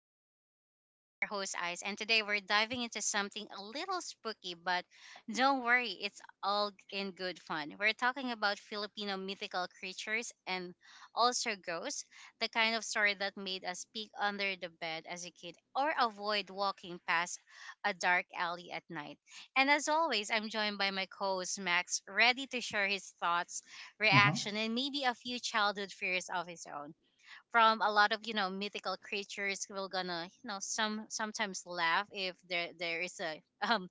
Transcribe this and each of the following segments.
Things. And I'm your host, Ice. And today we're diving into something a little spooky, but don't worry, it's all in good fun. We're talking about Filipino mythical creatures and also ghosts, the kind of story that made us peek under the bed as a kid or avoid walking past a dark alley at night. And as always, I'm joined by my co host, Max, ready to share his thoughts, Mm-hmm. reaction, and maybe a few childhood fears of his own from a lot of mythical creatures we're gonna sometimes laugh if there is a um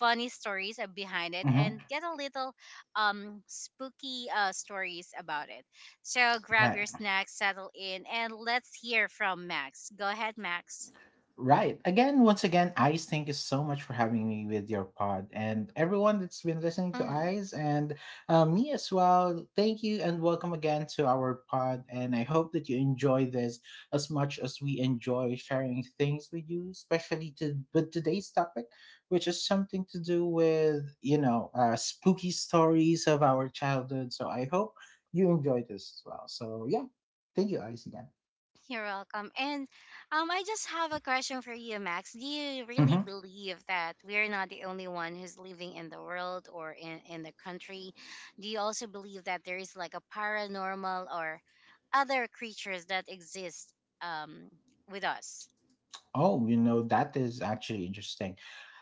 funny stories behind it and Mm-hmm. get a little spooky stories about it. So grab Right. your snacks, settle in, and let's hear from Max. Go ahead, Max. Right. Again, once again, Eyes, thank you so much for having me with your pod. And everyone that's been listening to Hmm. Eyes and me as well, thank you and welcome again to our pod. And I hope that you enjoy this as much as we enjoy sharing things with you, especially with today's topic, which is something to do with, spooky stories of our childhood. So I hope you enjoy this as well. So yeah, thank you, Eyes, again. You're welcome. And I just have a question for you, Max. Do you really Mhm. believe that we're not the only one who's living in the world or in the country? Do you also believe that there is like a paranormal or other creatures that exist, um, with us? Oh, that is actually interesting.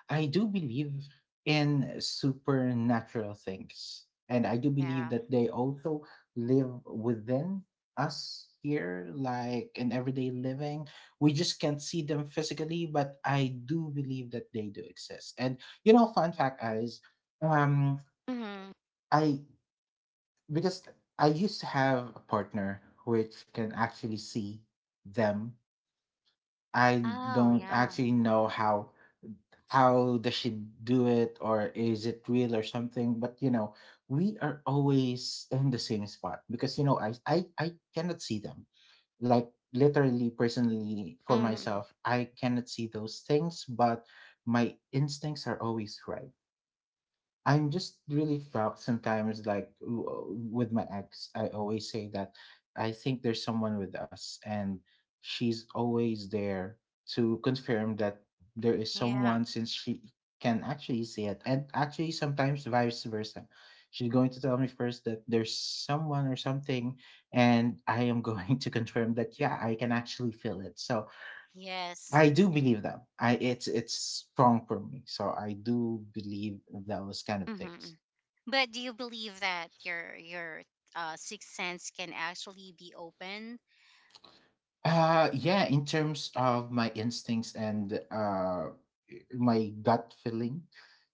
I do believe in supernatural things. And I do believe Yeah. that they also live within us here, like in everyday living. We just can't see them physically, but I do believe that they do exist. And, fun fact is, um, Mm-hmm. I, because I used to have a partner which can actually see them. I Oh, don't yeah. actually know how does she do it, or is it real or something. But we are always in the same spot, because I cannot see them, like, literally, personally for Mm-hmm. myself. I cannot see those things, but my instincts are always right. I'm just really proud sometimes, like, with my ex, I always say that I think there's someone with us, and she's always there to confirm that there is Yeah. someone, since she can actually see it. And actually, sometimes vice versa. She's going to tell me first that there's someone or something, and I am going to confirm that, yeah, I can actually feel it. So Yes. I do believe them. I it's strong for me. So I do believe those kind of Mm-hmm. things. But do you believe that your sixth sense can actually be opened? Yeah, in terms of my instincts and my gut feeling,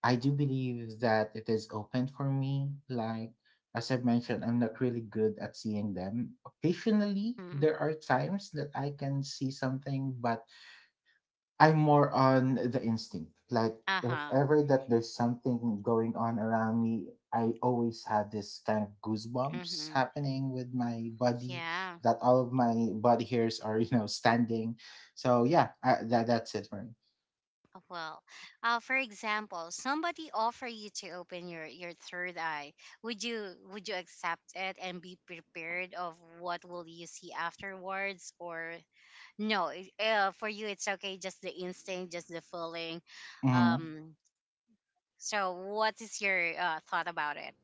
I do believe that it is open for me. Like, as I've mentioned, I'm not really good at seeing them. Occasionally, Mm. there are times that I can see something, but I'm more on the instinct. Like, Uh if huh. ever that there's something going on around me, I always have this kind of goosebumps Mm-hmm. happening with my body, Yeah. that all of my body hairs are, standing. So yeah, I, that that's it for me. Well, for example, somebody offer you to open your third eye. Would you accept it and be prepared of what will you see afterwards, or no? For you, it's okay, just the instinct, just the feeling. Mhm. Um. So, what is your thought about it?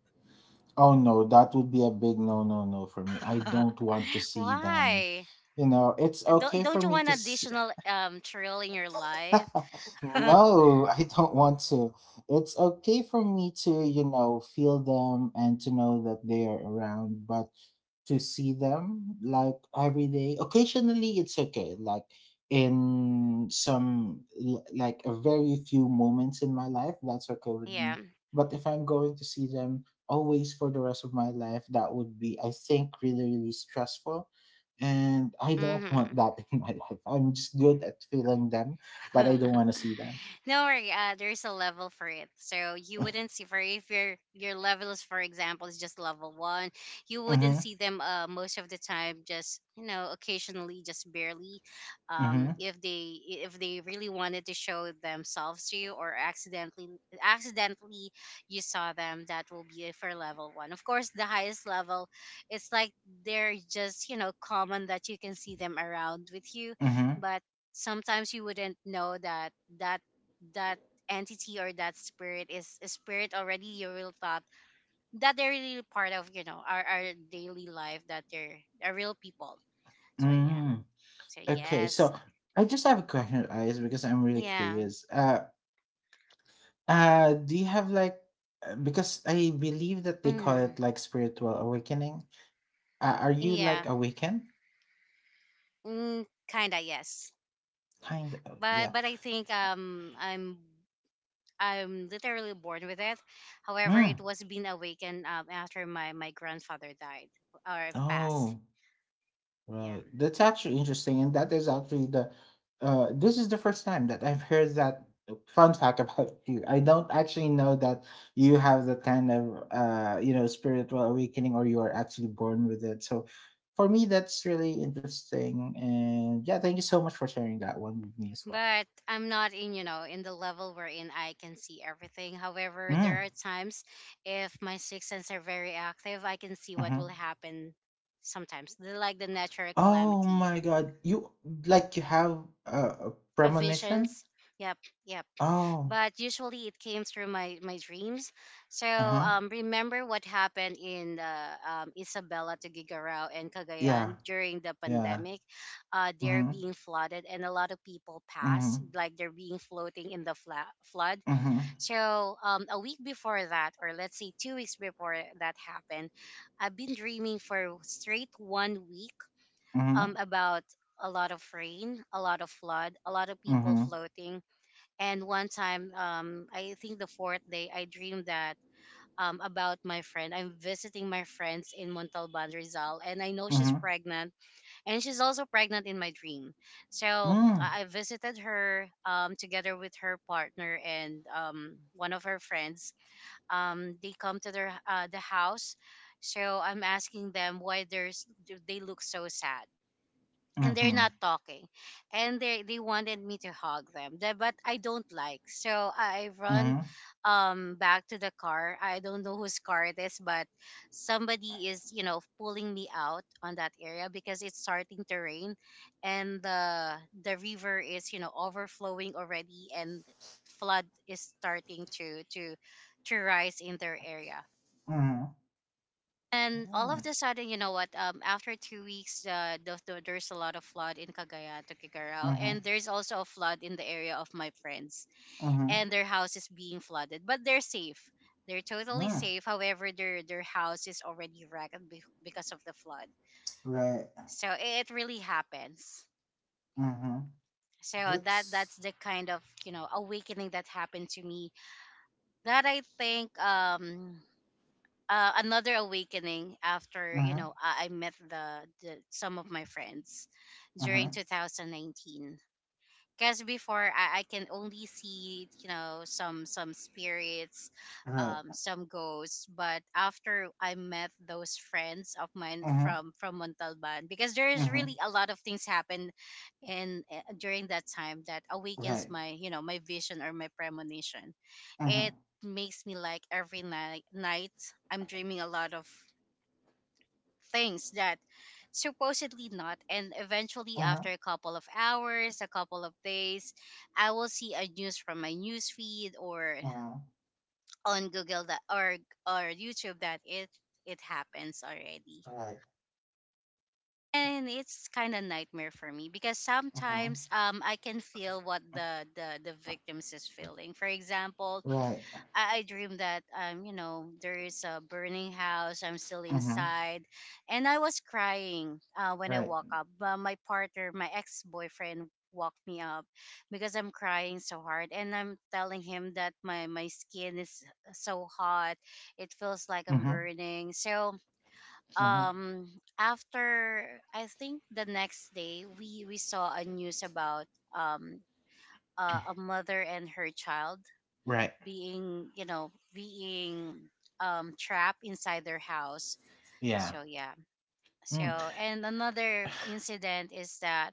Oh no, that would be a big no no no for me. I don't want to see them. Why? It's okay Don't for don't you me to want additional thrill in your life? no, I don't want to. It's okay for me to, feel them and to know that they are around, but to see them like every day, occasionally it's okay. Like, in some, like, a very few moments in my life, that's okay with Yeah. me. But if I'm going to see them always for the rest of my life, that would be, I think, really, really stressful, and I don't Mm-hmm. want that in my life. I'm just good at feeling them, but I don't want to see them. No worry. There's a level for it, so you wouldn't see for if your level is, for example, is just level one. You wouldn't Mm-hmm. see them most of the time. Just you know, occasionally, just barely. Mm-hmm. if they really wanted to show themselves to you, or accidentally you saw them, that will be for level one. Of course, the highest level, it's like they're just you know common that you can see them around with you, Mm-hmm. but sometimes you wouldn't know that that entity or that spirit is a spirit already a real thought, that they're really part of you know our daily life, that they're are real people. So yeah, Mm. so Okay, yes. so I just have a question, Eyes, because I'm really Yeah. curious. Do you have, like, because I believe that they call it Mm, like spiritual awakening. Are you yeah. like awakened? Mm, kinda yes. Kind of, yeah. But I think I'm literally born with it. However, Mm. it was being awakened, after my grandfather died or passed. Oh. Right. Yeah. That's actually interesting, and that is actually, the this is the first time that I've heard that, fun fact, about you. I don't actually know that you have that kind of spiritual awakening, or you are actually born with it. So for me, that's really interesting, and yeah, thank you so much for sharing that one with me as well. But I'm not in, you know, in the level wherein I can see everything. However, there Mm, are times if my sixth sense are very active, I can see what hmm. will happen sometimes, the, like the natural Oh calamity, my god. You have a, a premonition? visions. Yep, yep. Oh. But usually it came through my dreams. So Uh-huh. Remember what happened in Isabela to Gigarao and Yeah. Cagayan during the Yeah. pandemic. They're Mm-hmm. being flooded and a lot of people pass, Mm-hmm. like they're being floating in the flood. Mhm. So a week before that, or let's say 2 weeks before that happened, I've been dreaming for straight 1 week, Mhm. about a lot of rain, a lot of flood, a lot of people Mhm. floating. And one time, I think the fourth day, I dreamed that, about my friend. I'm visiting my friends in Montalban, Rizal, and I know she's Mhm. pregnant, and she's also pregnant in my dream. So Mm. I visited her, together with her partner and 1 of her friends, they come to their the house. So I'm asking them why there's, they look so sad, and they're Mhm. not talking, and they wanted me to hug them. But I don't like, so I Mhm. run Mhm. Back to the car. I don't know whose car it is, but somebody is you know pulling me out on that area because it's starting to rain, and the river is you know overflowing already, and flood is starting to to rise in their area. And all of Mm. the sudden, you know what? After 2 weeks, there's a lot of flood in Cagayan to Kigarao, Mhm. and there's also a flood in the area of my friends, Mhm. and their house is being flooded, but they're safe. They're totally Mm. safe. However, their house is already wrecked because of the flood. Right. So it really happens. Mhm. So that that's That's. the kind of you know awakening that happened to me. That I think another awakening after you Mhm. know I met the some of my friends during Mhm. 2019. Because before I can only see you know some spirits, Right. Some ghosts. But after I met those friends of mine Mhm. from Montalban, because there is really Mhm. a lot of things happen in during that time, that awakens Right. my you know my vision or my premonition. It Mhm. makes me like every night I'm dreaming a lot of things that supposedly not, and eventually Mhm. after a couple of hours, a couple of days, I will see a news from my news feed or Mhm. on Google that, or YouTube, that it happens already. Right. And it's kind of nightmare for me because Mhm. sometimes I can feel what the victims is feeling. For example, Right. I dream that you know there is a burning house, I'm still Mhm. inside, and I was crying when I Right. woke up. But my partner, my ex-boyfriend, woke me up because I'm crying so hard, and I'm telling him that my skin is so hot, it feels like I'm Mhm. burning. So Mhm. um after, I think the next day, we saw a news about um a mother and her child Right. being you know being trapped inside their house. Yeah. So yeah. So Mm. and another incident is that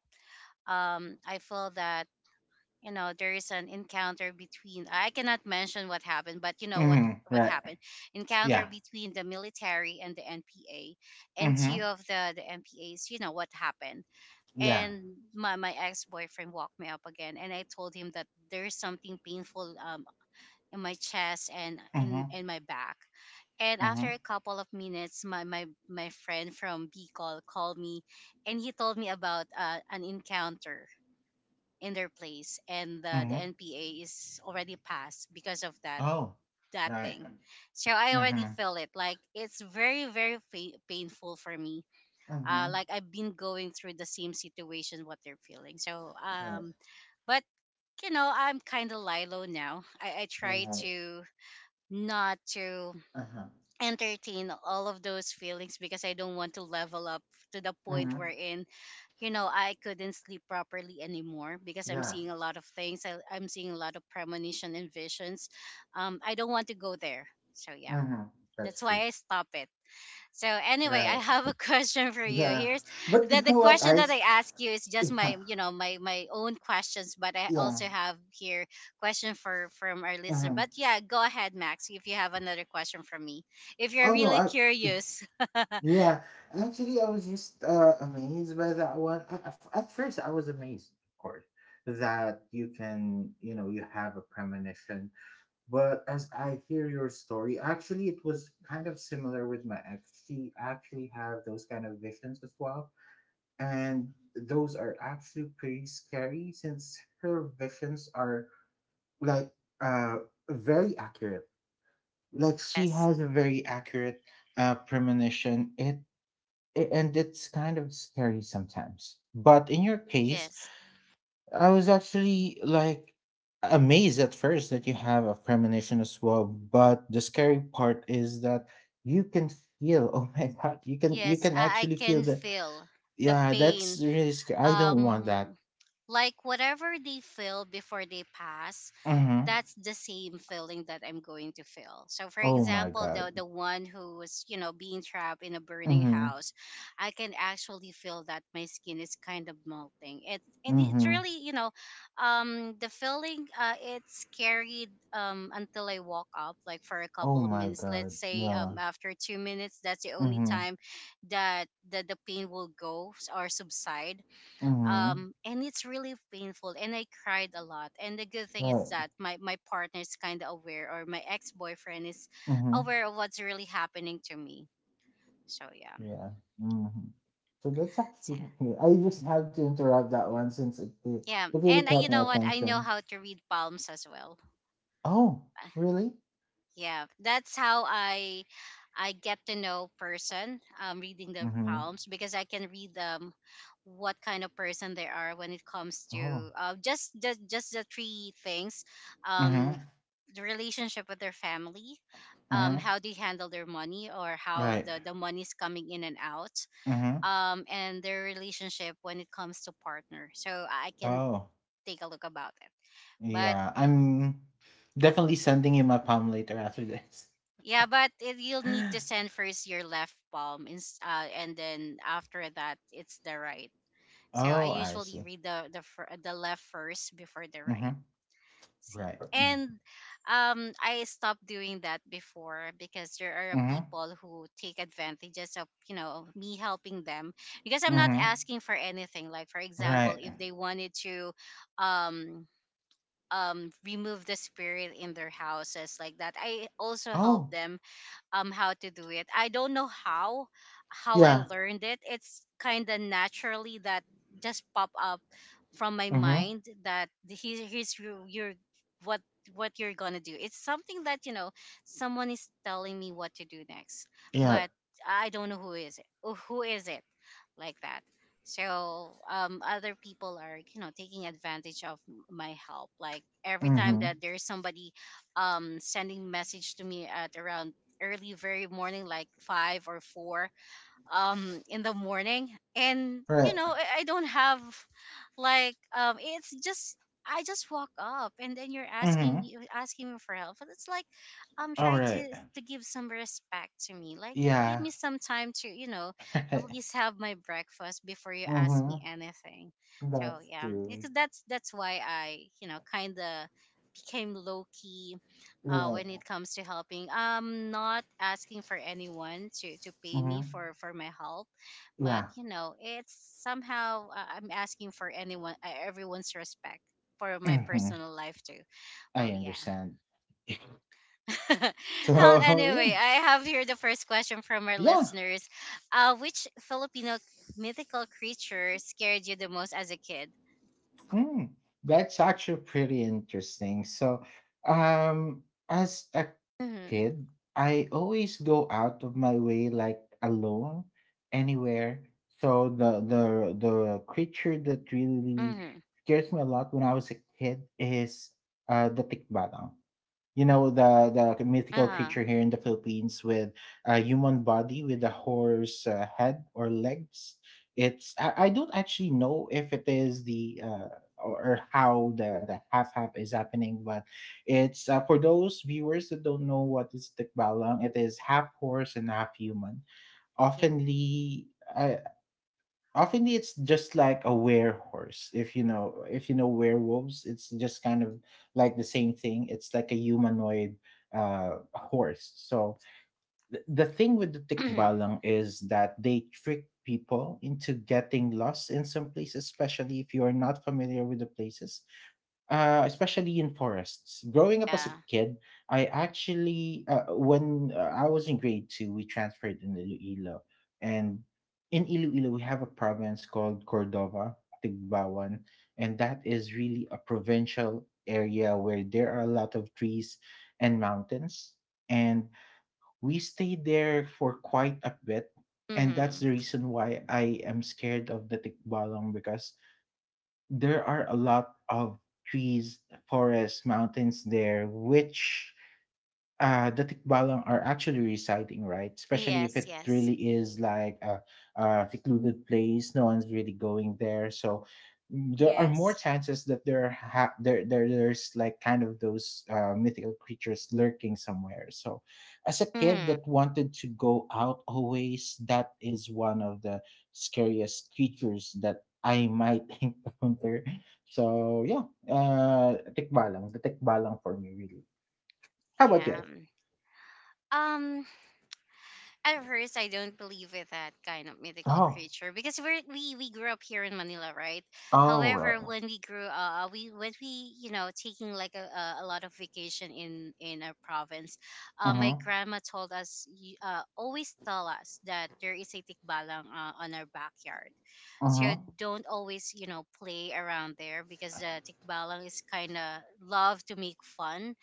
I feel that you know there is an encounter between, I cannot mention what happened, but you know Mhm. what Right. happened, encounter Yeah. between the military and the NPA, and two Mhm. of the NPAs you know what happened. Yeah. And my ex-boyfriend walked me up again, and I told him that there's something painful, in my chest and in Mhm. in my back. And after Mhm. a couple of minutes, my friend from Bicol called me, and he told me about an encounter in their place, and the Mhm. NPA is already passed because of that Oh, that right. thing. So I already Mhm. feel it. Like it's very painful for me. Mm-hmm. Like I've been going through the same situation what they're feeling. So Right. But you know I'm kind of Lilo now. I try Right. to not to Uh-huh. entertain all of those feelings because I don't want to level up to the point Mm-hmm. wherein, you know, I couldn't sleep properly anymore because I'm Yeah. seeing a lot of things. I'm seeing a lot of premonition and visions. I don't want to go there. So yeah, Mm-hmm. That's that's true. why I stop it. So anyway, I Right. have a question for you. Yeah. Here's But the you the know what, question that Ice? I ask you is just Yeah. my you know my own questions, but I Yeah. also have here question for from our listener. Mm-hmm. But yeah, go ahead, Max, if you have another question for me. If you're Oh no, really I curious, yeah. Actually, I was just amazed by that one. At first, I was amazed, of course, that you can, you know, you have a premonition. But as I hear your story, actually, it was kind of similar with my ex. She actually had those kind of visions as well, and those are actually pretty scary, since her visions are, like, uh very accurate. Like, she yes, has a very accurate premonition. And it's kind of scary sometimes, but in your case, yes, I was actually like amazed at first that you have a premonition as well. But the scary part is that you can feel, oh my god, you can you yes, can I actually feel can the— feel the yeah, that's pain, really scary. I don't want that. um like whatever they feel before they pass, Mhm. that's the same feeling that I'm going to feel. So for Oh my example, god. the one who was you know being trapped in a burning Mhm. house, I can actually feel that my skin is kind of melting it, and it's Mhm. really you know the feeling, it's carried until I walk up like for a Oh couple of my minutes, god. let's say Yeah. After 2 minutes, that's the only Mhm. time that the pain will go or subside. Mhm. And it's really painful, and I cried a lot. And the good thing is Right. that my partner is kind of aware, or my ex-boyfriend is Mhm. aware of what's really happening to me. So yeah. Yeah. Mhm. So that's So, actually, I just have to interrupt that one, since yeah, it really and I, caught you my know what, I know attention. how to read palms as well. Oh, Uh, really? yeah, that's how I get to know person, reading their Mhm. palms, because I can read them what kind of person they are when it comes Oh. to just the 3 things: um Mhm. the relationship with their family, Mhm. how they handle their money, or how Right. The money is coming in and out, Mhm. And their relationship when it comes to partner. So I can Oh. take a look about it. But Yeah. I'm definitely sending you my palm later after this. yeah, but it, you'll need to send first your left palm, in, and then after that, it's the right. So I Oh, I usually see. read the left first before the right. Mhm. See. Right. Mm-hmm. And I stopped doing that before because there are Mhm. people who take advantages of, you know, me helping them because I'm not Mhm. asking for anything. Like, for example, Right. if they wanted to um, remove the spirit in their houses like that, I also help Oh, them how to do it. I don't know how I yeah. learned it. It's kind of naturally that just pop up from my Mhm. mind that here's your what what you're gonna do. It's something that you know someone is telling me what to do next, Yeah. but I don't know who is it. Oh, Who is it like that? So other people are you know taking advantage of my help. Like every time Mhm. that there's somebody sending message to me at around early very morning like 5 or 4 in the morning and Right. you know I don't have like it's just I just walk up and then you're Mhm. Asking me for help. But it's like All try right. To give some respect to me. Like give Yeah. me some time to, you know, at Right. least have my breakfast before you ask me Mhm. anything. So That's yeah, true. because that's why I, you know, kind of became low key Right. when it comes to helping. I'm not asking for anyone to pay me Mhm. For my help, but Yeah. you know, it's somehow I'm asking for anyone, everyone's respect for my Mhm. personal life too. Well, I yeah. understand. Well, So, yeah. anyway, I have here the first question from our Yeah. listeners. Which Filipino mythical creature scared you the most as a kid? Mm, that's actually pretty interesting. So, um, as a Mm-hmm. kid, I always go out of my way, like alone, anywhere. So the creature that really Mm-hmm. scares me a lot when I was a kid is the tikbalang, the mythical Uh-huh. creature here in the Philippines, with a human body with a horse head or legs. I don't actually know if it is the or how the half half is happening, but it's, for those viewers that don't know what is tikbalang, it is half horse and half human. Yeah. Oftenly. I often It's just like a werehorse, if you know werewolves, it's just kind of like the same thing. It's like a humanoid horse. So the thing with the tikbalang is that they trick people into getting lost in some places, especially if you are not familiar with the places, especially in forests. Growing up as a Yeah. kid, I actually when I was in grade two, we transferred in Iloilo, and in Iloilo we have a province called Cordova, Tigbawan, and that is really a provincial area where there are a lot of trees and mountains, and we stayed there for quite a bit. And Mm-hmm. that's the reason why I am scared of the tikbalang, because there are a lot of trees, forests, mountains there, which, the tikbalang are actually residing, right? Especially if Yes, it yes. really is like a secluded place, no one's really going there. So, there are more Yes. chances that there's like kind of those, mythical creatures lurking somewhere. So as a kid Mm, that wanted to go out always, that is one of the scariest creatures that I might encounter. So yeah, the tikbalang for me really. How about you? yeah. Mm. Um, at first I don't believe in that kind of mythical Oh. creature because we grew up here in Manila, right? Oh, right. However, when we grew we when we you know taking like a lot of vacation in our province, my Mhm. grandma told us always tell us that there is a tikbalang on our backyard, so Mhm. don't always you know play around there because the tikbalang is kind of love to make fun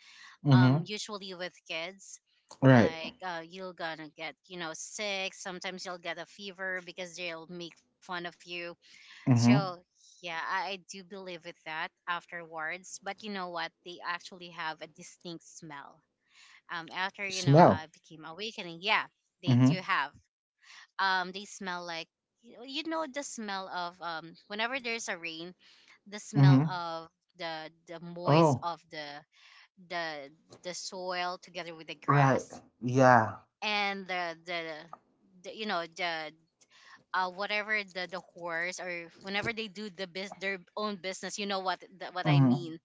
Mhm. usually with kids Right. like you're gonna get you know sick, sometimes you'll get a fever because they'll make fun of you so Mhm. yeah I do believe with that afterwards, but you know what, they actually have a distinct smell after you know I Smell. became awakening. Yeah, they do Mhm. have they smell like you know, you know the smell of whenever there's a rain, the smell Mhm. of the moist Oh. of the the soil together with the Right. grass Yeah. and the you know the whatever the horse or whenever they do the bus their own business, you know what what I Mhm. mean,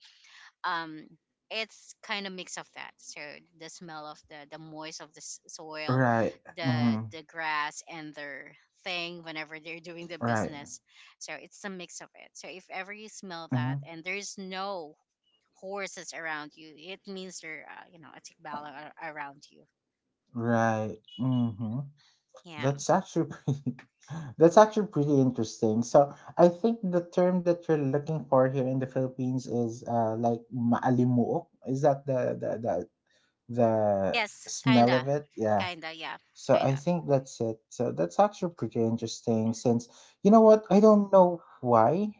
um it's kind of mix of that. So the smell of the moist of the soil, Right. the Mhm. the grass and their thing whenever they're doing the Right. business. So it's a mix of it. So if ever you smell that Mhm. and there's no horses around you. It means there, you know, a tikbalang around you. Right. Mhm. Yeah. That's actually pretty, that's actually pretty interesting. So, I think the term that you're looking for here in the Philippines is like maalimuok. Is that the Yes, smell kinda, of it? Yeah. kinda. Yeah, So I kinda. think that's it. So that's actually pretty interesting, since, you know what, I don't know why,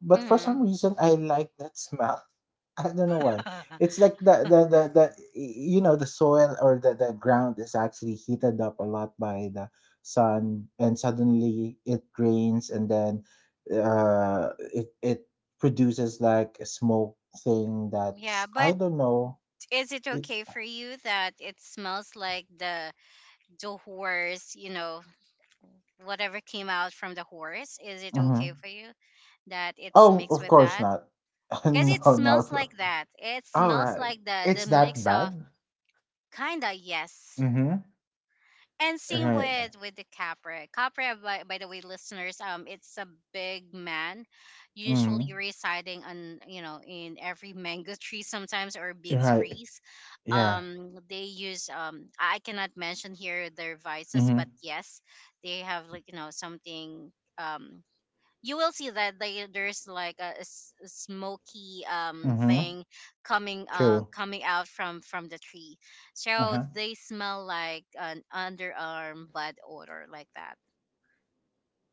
but for some Hmm. reason I like that smell. I don't know why. It's like the the soil, or the ground is actually heated up a lot by the sun, and suddenly it rains, and then it produces like a smoke thing, Yeah, that's, I but don't know. is it It, okay for you that it smells like the horse, you know, whatever came out from the horse? Is it okay mhm. for you that it's Oh, mixed of with course that? not. Because it No, smells no. like that. It smells Alright. like the It's that mix of bad? kinda yes. Mhm. And same Right. With the Capra. Capra, by the way, listeners, it's a big man, Mhm. usually residing on you know in every mango tree sometimes or big Right. trees. Yeah. They use I cannot mention here their vices, but Mhm. yes, they have like you know something um you will see that they, there's like a smoky Mhm. thing True. coming out from the tree, so Uh-huh. they smell like an underarm bad odor like that.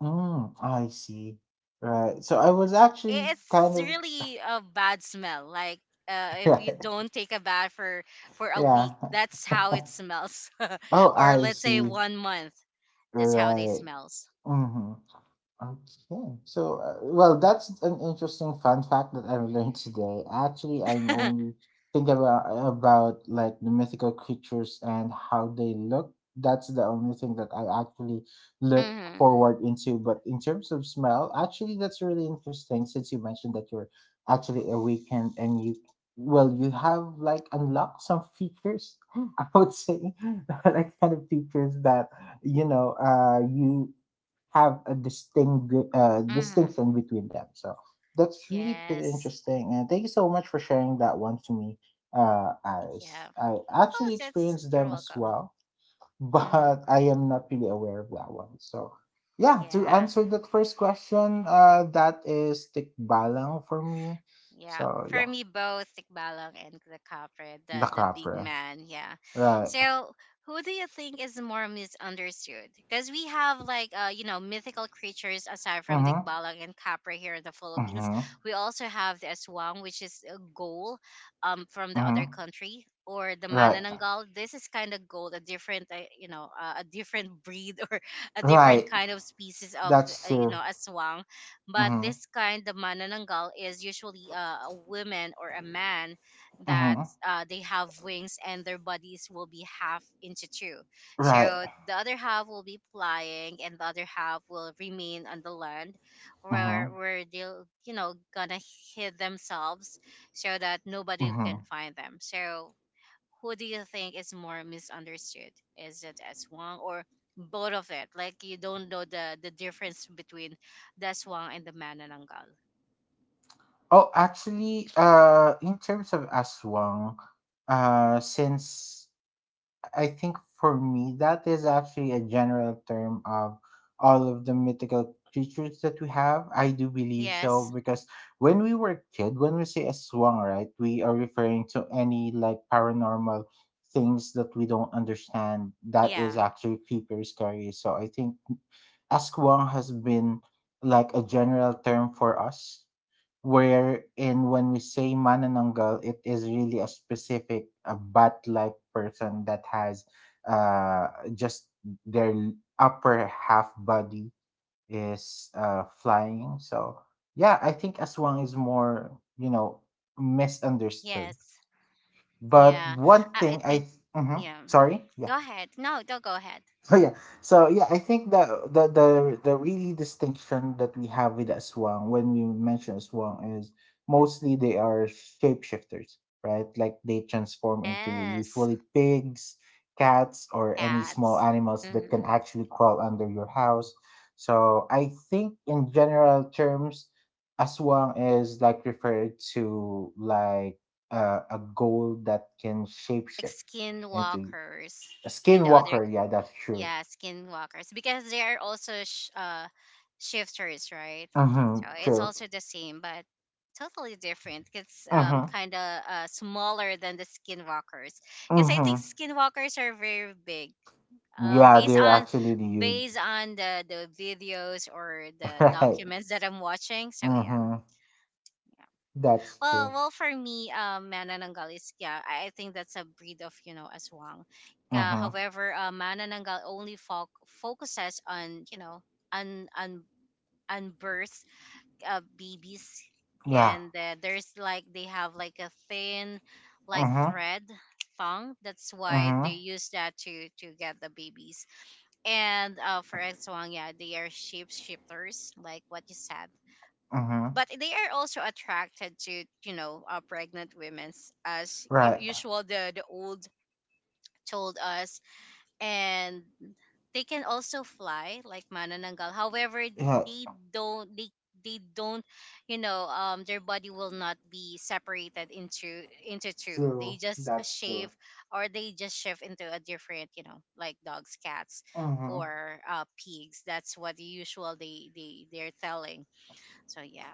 Mm, I see. Right. So I was actually It's kind of, really a bad smell like if you right. don't take a bath for a week, Yeah. that's how it smells. Oh, Or I let's say see. 1 month, that's how they Right. smells. Mhm. Okay. So, well, that's an interesting fun fact that I learned today. Actually, I'm only thinking about, like, the mythical creatures and how they look. That's the only thing that I actually look Mhm. forward into. But in terms of smell, actually, that's really interesting, since you mentioned that you're actually awakened, and well, you have, like, unlocked some features, I would say, like, kind of features that, you have a Mhm. distinction between them. So that's really pretty Yes. interesting. And thank you so much for sharing that one to me, Yeah. Alice. I Oh, actually that's, experienced you're them as welcome. well, Mhm. but I am not really aware of that one. So yeah, to Yeah, answer that first question, that is tikbalang for me. yeah. So For yeah, me, both Tikbalang and the Kapre, the the big crapper. man. Yeah. Right. So, who do you think is more misunderstood? Because we have like you know, mythical creatures aside from Mm-hmm. Tikbalang and Kapre here in the Philippines. Mm-hmm. We also have the Aswang, which is a goal, from the other Mm-hmm. country, or the Right. Manananggal. This is kind of gold, a different, you know, a different breed or a different Right. kind of species of, That's you true. know, Aswang. But Mm-hmm. this kind of manananggal is usually a woman or a man that Mm-hmm. They have wings and their bodies will be half into two. Right. So the other half will be flying and the other half will remain on the land Mm-hmm. where they'll you know gonna hid themselves so that nobody can Mhm. find them. So who do you think is more misunderstood? Is it Aswang or both of it? Like you don't know the difference between the Aswang and the Manananggal. Oh, actually, in terms of aswang, since I think for me that is actually a general term of all of the mythical creatures that we have. I do believe so Yes. because when we were a kid, when we say aswang, right, we are referring to any like paranormal things that we don't understand. That Yeah. is actually creepers scary. So I think askwang has been like a general term for us, wherein when we say manananggal, it is really a specific, a bat-like person that has uh, just their upper half body is flying. So yeah, I think aswang is more, you know, misunderstood. Yes. Yeah. But one I thing think. I, th- Mhm. Yeah. sorry, Go yeah. ahead. No, don't go ahead. So yeah, so yeah, I think the really distinction that we have with Aswang when we mention Aswang is mostly they are shapeshifters, right? Like they transform into Yes. usually pigs, cats, or any small Cats. animals that can Mm. actually crawl under your house. So I think in general terms, Aswang is like referred to like a goal that can Like shapeshift into skinwalkers. a In the other. skinwalker. Yeah, that's true. Yeah, skinwalkers because they are also shifters, right? So Mm-hmm. it's True. also the same, but totally different. It's Mm-hmm. kind of smaller than the skinwalkers because I think Mm-hmm. skinwalkers are very big. Yeah, Based they're on actually huge. based on the videos or the Right. documents that I'm watching, so yeah, Mm-hmm. That's well, true. well, for me, manananggal is yeah. I think that's a breed of you know aswang. Mm-hmm. However, manananggal only focuses on you know on on birth babies, Yeah. and there's like they have like a thin like Mm-hmm. thread thong. That's why they Mm-hmm. use that to get the babies. And for aswang, yeah, they are shapeshifters, like what you said, Mm-hmm. but they are also attracted to you know pregnant women as Right. usual the old told us, and they can also fly like manananggal, however Yeah. they don't they they don't you know their body will not be separated into two, they True. just That's shave true. or they just shift into a different you know like dogs, cats Mm-hmm. or pigs, that's what the usual they they're telling, so yeah,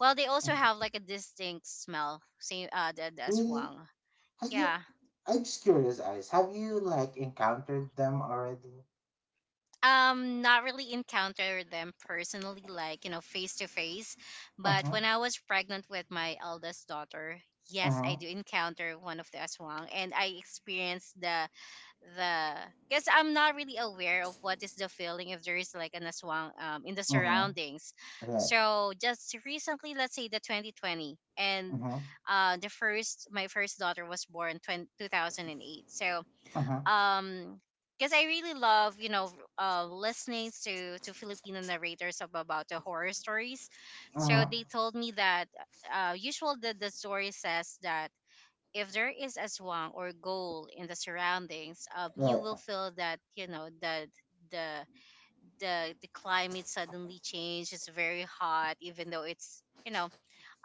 well, they also have Mm-hmm. like a distinct smell. Same, the Really? aswang. Have you Yeah. I'm just curious, Ice. Have you like encountered them already? Not really encounter them personally, like you know, face to face. But Mm-hmm. when I was pregnant with my eldest daughter, yes, I Mm-hmm. do encounter one of the aswang, and I experienced the because I'm not really aware of what is the feeling if there is like an aswang in the Mm-hmm. surroundings. Right. So just recently, let's say the 2020, and Mm-hmm. The first my first daughter was born 20, 2008. So Mm-hmm. um. Because I really love, you know, listening to Filipino narrators of, about the horror stories. So Mm-hmm. they told me that usual the story says that if there is a swang or goal in the surroundings, you Right. will feel that you know that the the climate suddenly changed. It's very hot, even though it's you know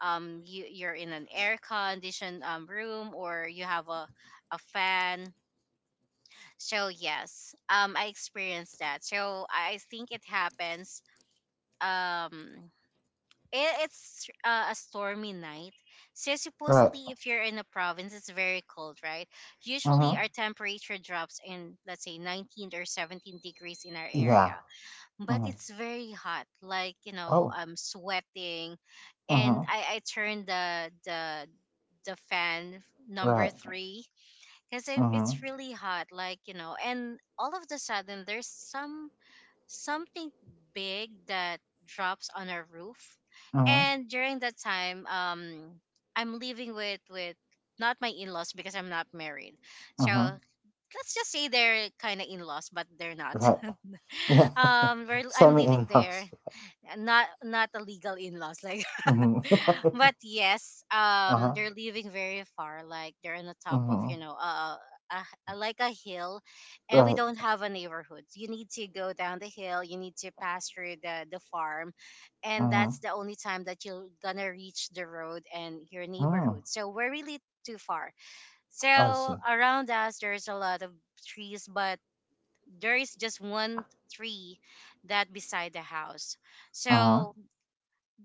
you're in an air conditioned room or you have a fan. So yes, I experienced that. So I think it happens. Um, it's a stormy night. So Right. supposedly, if you're in a province, it's very cold, right? Usually, Mm-hmm. our temperature drops in, let's say, 19 or 17° in our Yeah. area, but Mm-hmm. it's very hot. Like you know, Oh. I'm sweating, and Mm-hmm. I turned the the fan number Right. three because it's Mm-hmm. really hot. Like you know, and all of the sudden, there's some something big that drops on our roof. Mm-hmm. And during that time, I'm living with not my in-laws because I'm not married. So Mm-hmm. let's just say they're kind of in-laws, but they're not. Right. Yeah. Um, we're, I'm Send me living there, inbox. not not a legal in-laws like Mm-hmm. but yes, Uh-huh. they're living very far. Like they're on the top of you Mm-hmm. know, a, like a hill, and we Right. don't have a neighborhood. You need to go down the hill. You need to pass through the farm, and that's Mm-hmm. the only time that you're gonna reach the road and your Mm. neighborhood. So we're really too far. So I see. around us, there's a lot of trees, but there is just one tree that beside the house. Uh-huh. So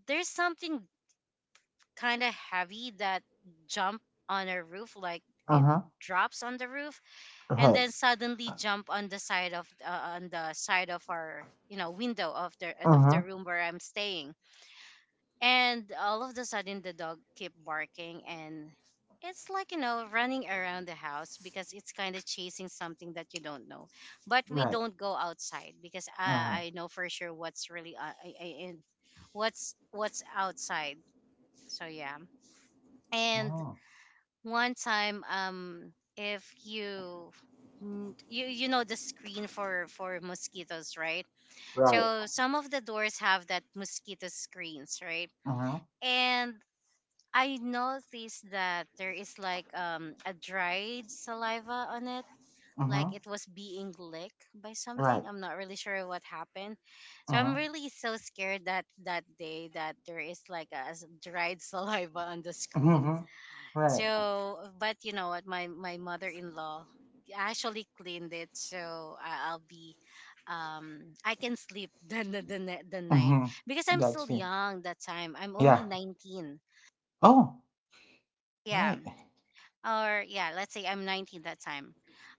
there's something kind of heavy that jump on a roof, like it Uh-huh. drops on the roof, and Right. then suddenly jump on the side of on the side of our window of the of the Mm-hmm. room where I'm staying. And all of the sudden the dog keep barking, and it's like running around the house because it's kind of chasing something that you don't know. But we Right. don't go outside because I, Mm-hmm. I know for sure what's really what's outside, so yeah. And Mm. one time if you you know the screen for mosquitoes, right? Right. So some of the doors have that mosquito screens, right? Mm-hmm. And I noticed that there is like a dried saliva on it, like Mm-hmm. it was being licked by something. Right. I'm not really sure what happened, so I'm Mm-hmm. really so scared that that day that there is like a dried saliva on the screen. Mm-hmm. Right. So, but you know what? My mother-in-law actually cleaned it, so I'll be, I can sleep the night because Mm-hmm. I'm still Got you. young that time. I'm only Yeah. 19. Oh, Yeah, right. or yeah, let's say I'm 19 that time.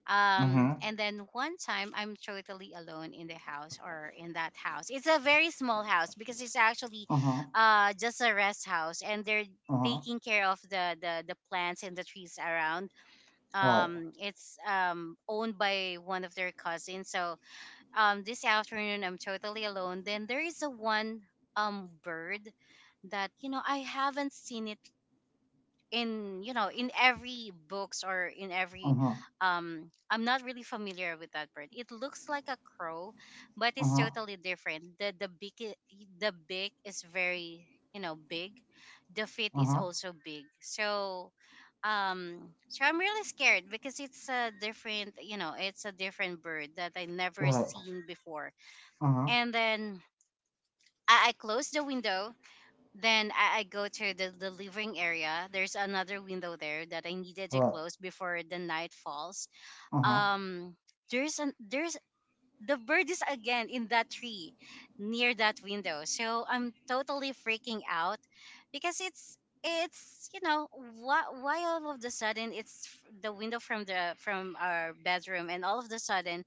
Um, Mm-hmm. and then one time I'm totally alone in the house or in that house. It's a very small house because it's actually, Mm-hmm. Just a rest house, and they're Mm-hmm. taking care of the plants and the trees around. Right. It's owned by one of their cousins. So this afternoon I'm totally alone, then there is a one bird that, I haven't seen it in, in every books or in every Mm-hmm. I'm not really familiar with that bird. It looks like a crow, but it's Mm-hmm. totally different. The the beak is very, you know, big. The feet is Mm-hmm. also big. So so I'm really scared because it's a different, you know, it's a different bird that I never Right. seen before. Mm-hmm. And then I closed the window, then I go to the delivering area. There's another window there that I needed to Right. close before the night falls. Uh-huh. Um, there's — the bird is again in that tree near that window. So I'm totally freaking out because it's — it's, you know, why all of the sudden it's the window from the from our bedroom, and all of the sudden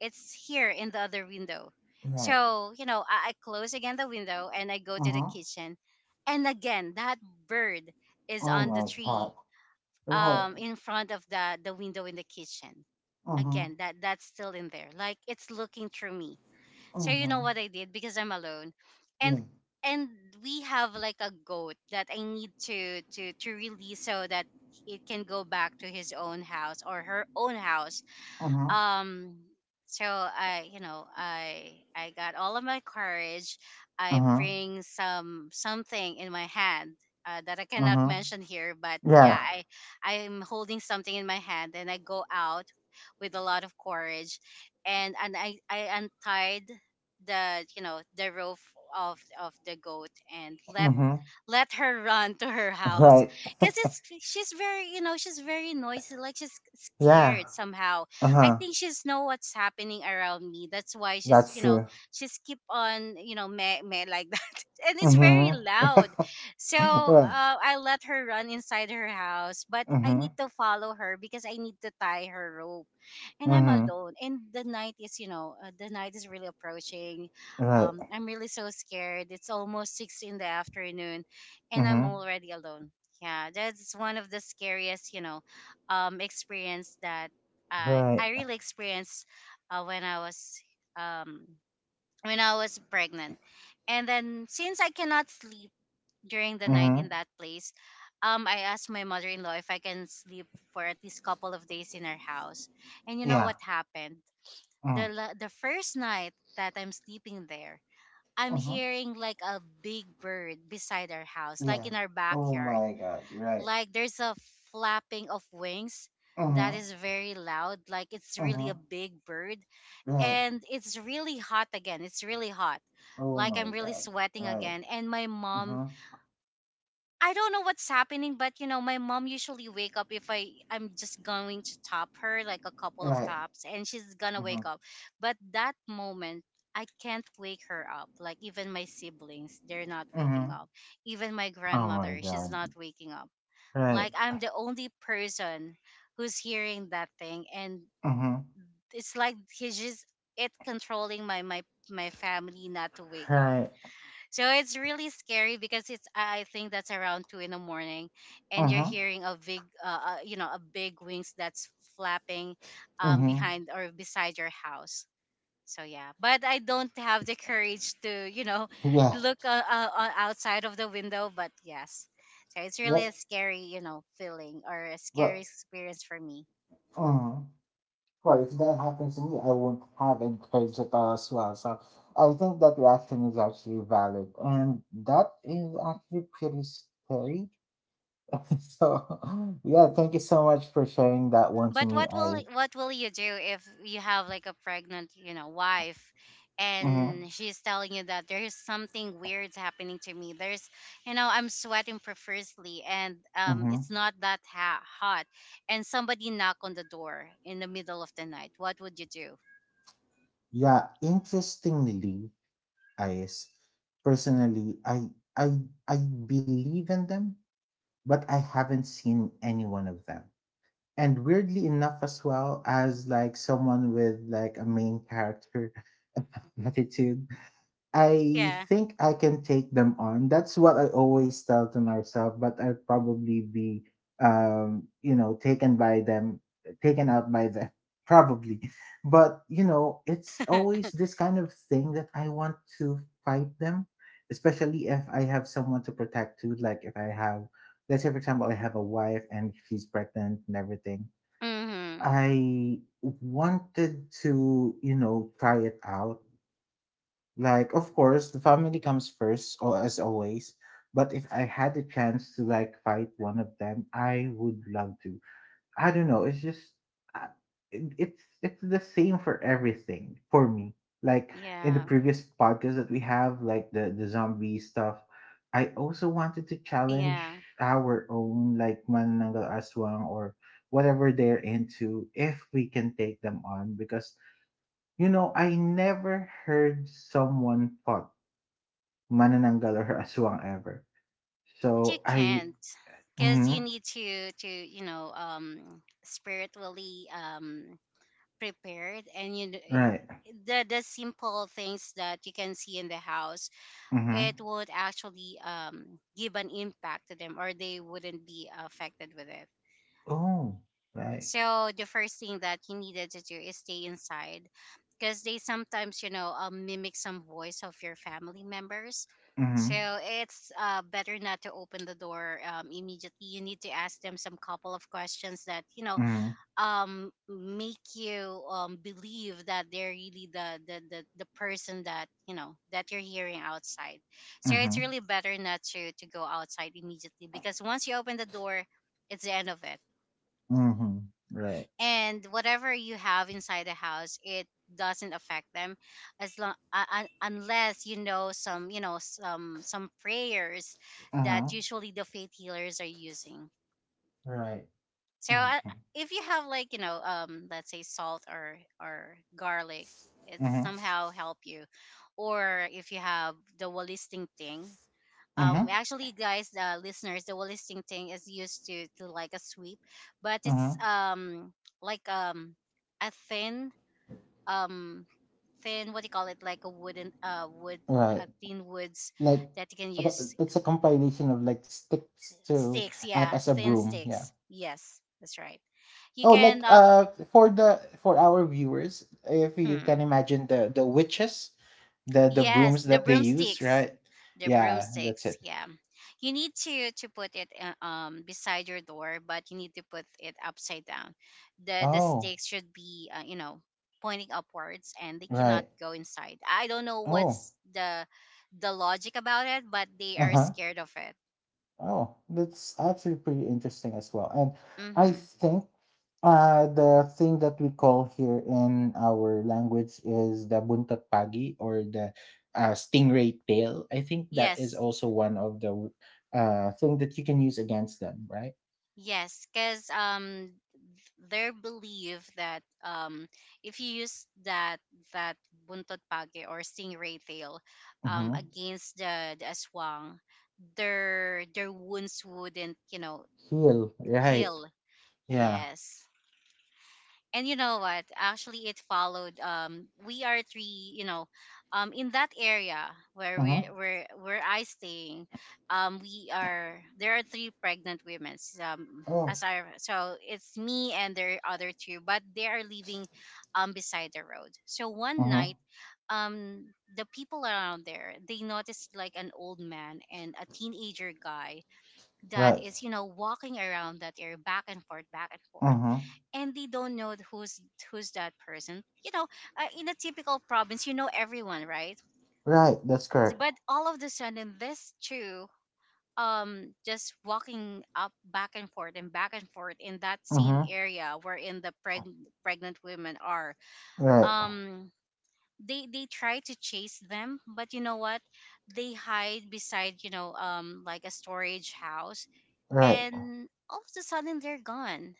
it's here in the other window. Right. So I close again the window and I go to the Uh-huh. kitchen, and again that bird is Oh on the my god. tree Right. In front of the window in the kitchen. Uh-huh. Again, that's still in there, like it's looking through me. So you know Uh-huh. what I did? Because I'm alone, and Yeah. and we have like a goat that I need to to release so that it can go back to his own house or her own house. Uh-huh. um so I you know I got all of my courage. I Uh-huh. bring some something in my hand, that I cannot Uh-huh. mention here, but yeah, Yeah. I — I'm holding something in my hand and I go out with a lot of courage, and I untied the, you know, the rope of the goat and let — Mm-hmm. let her run to her house Right. because it's — she's very, you know, she's very noisy, like she's Yeah. scared somehow. I Uh-huh. think she's know what's happening around me. That's why she's, That's you know, true. she's keep on, you know, meh, meh like that, and it's very Mm-hmm. loud. So Right. I let her run inside her house, but I Mm-hmm. need to follow her because I need to tie her rope. And I'm Mm-hmm. alone. And the night is, you know, the night is really approaching. Right. I'm really so scared. It's almost six in the afternoon, and I'm Mm-hmm. already alone. Yeah, that's one of the scariest, you know, experience that I Right. I really experienced uh, when I was um when I was pregnant. And then since I cannot sleep during the night in Mm-hmm. that place, I asked my mother-in-law if I can sleep for at least couple of days in her house. And you know Yeah. what happened? The Mm. The first night that I'm sleeping there, I'm Mm-hmm. hearing like a big bird beside our house, Yeah. like in our Oh backyard. my god. Right. Like there's a flapping of wings that Mm-hmm. is very loud. Like it's really Mm-hmm. a big bird, Right. and it's really hot again. It's really hot. Oh Like my I'm really god. sweating Right. again, and my Mm-hmm. mom — I don't know what's happening, but you know, my mom usually wake up if I'm just going to top her like a couple of Right. tops, and she's gonna Mm-hmm. wake up. But that moment, I can't wake her up. Like even my siblings, they're not waking Mm-hmm. up. Even my Oh my grandmother, she's god. not waking up. Right. Like I'm the only person who's hearing that thing, and Mhm. it's like he's just — it controlling my my family not to wake up. Right. So it's really scary because it's — I think that's around two in the morning, and you're Mhm. hearing a big, you know, a big wings that's flapping, Mhm. behind or beside your house. So yeah, but I don't have the courage to, you know, Yeah. look outside of the window. But yes, so it's really a Yep. scary, you know, feeling or a scary But experience for me. mhm. Well, if that happens to me, I won't have any courage at all as well. So I think that reaction is actually valid, and that is actually pretty scary. So yeah, thank you so much for sharing that one to But me, Ice. what will you do if you have like a pregnant, you know, wife, Mhm. and she's telling you that there is something weird happening to me? There's, you know, I'm sweating profusely, and um, it's Mhm. not that hot, and somebody knock on the door in the middle of the night. What would you do? Yeah. Interestingly, Ice. Personally, I I believe in them but I haven't seen any one of them. And weirdly enough, as well as like someone with like a main character attitude, I Yeah. think I can take them on. That's what I always tell to myself, but I'll probably be you know, taken by them, taken out by them, probably. But you know, it's always this kind of thing that I want to fight them, especially if I have someone to protect too, like if I have, let's say for example, I have a wife and she's pregnant and everything. Mhm. I wanted to, you know, try it out like, of course, the family comes first, or as always. But if I had the chance to like fight one of them, I would love to. I don't know. It's just, uh, it's the same for everything for me. Like in the Yeah. previous podcast that we have, like the zombie stuff, I also wanted to challenge Yeah. our own like manananggal aswang or whatever they're into if we can take them on because you know, I never heard someone fought manananggal or aswang ever. But you So I can't because you mhm, need to you know, um, spiritually, um, prepared, and you right. The simple things that you can see in the house, Mhm. it would actually, um, give an impact to them, or they wouldn't be affected with it. Oh, right. So the first thing that you needed to do is stay inside because they sometimes, you know, mimic some voice of your family members. So Mhm. it's, better not to open the door. Um, immediately you need to ask them some couple of questions that, you know, Mhm. um, make you, um, believe that they're really the — the person that, you know, that you're hearing outside. So it's Mhm. really better not to go outside immediately, because once you open the door, it's the end of it. Mhm. Right. And whatever you have inside the house, it doesn't affect them, as long, un unless you know some, you know, some prayers that Mhm. usually the faith healers are using. Right. So Mhm. If you have like, you know, um, let's say salt or garlic, it Mhm. somehow help you. Or if you have the wall listing thing. Mhm. Actually, guys, the listeners, the wall listing thing is used to like a sweep, but it's, Mhm. um, like, um, a thin, um, thin — what do you call it? Like a wooden, uh, wood, Right. Thin woods Like that you can okay, use — it's a compilation of like sticks to sticks, act yeah, as a thin broom. sticks, Yeah. yes, that's right. You Oh, like can, for the for our viewers, if you hmm. can imagine the witches, the Yes, brooms the that they use, broomsticks. right? The Yeah, that's broomsticks, it. yeah. You need to put it, um, beside your door, but you need to put it upside down. The the Oh, sticks should be, you know, pointing upwards, and they cannot right. go inside. I don't know Oh, what's the logic about it, but they are uh-huh. scared of it. Oh, that's actually pretty interesting as well. And I Mm-hmm. think the thing that we call here in our language is the buntot pagi or the stingray tail. I think that is Yes, also one of the thing that you can use against them, right? yes, because um, their belief that, if you use that, that buntot pake or stingray tail, Mm-hmm. against the — aswang, their wounds wouldn't, you know, Heal, right. heal. Yeah. Yes, and you know what actually it followed. We are three, you know, um, in that area where Mm-hmm. we where I staying. We are There are three pregnant women, um, Oh. as I — so it's me and their other two, but they are living, um, beside the road. So one Mm-hmm. night, um, the people around there they noticed like an old man and a teenager guy that Right. is, you know, walking around that area back and forth, back and forth, Mm-hmm. and they don't know who's — who's that person. You know, in a typical province, you know everyone, right? Right, that's correct. But all of the sudden, this two, um, just walking up back and forth and back and forth in that same Mm-hmm. area wherein the pregnant women are, Right. um, they try to chase them, but you know what, they hide beside, you know, um, like a storage house, Right. and all of a sudden they're gone.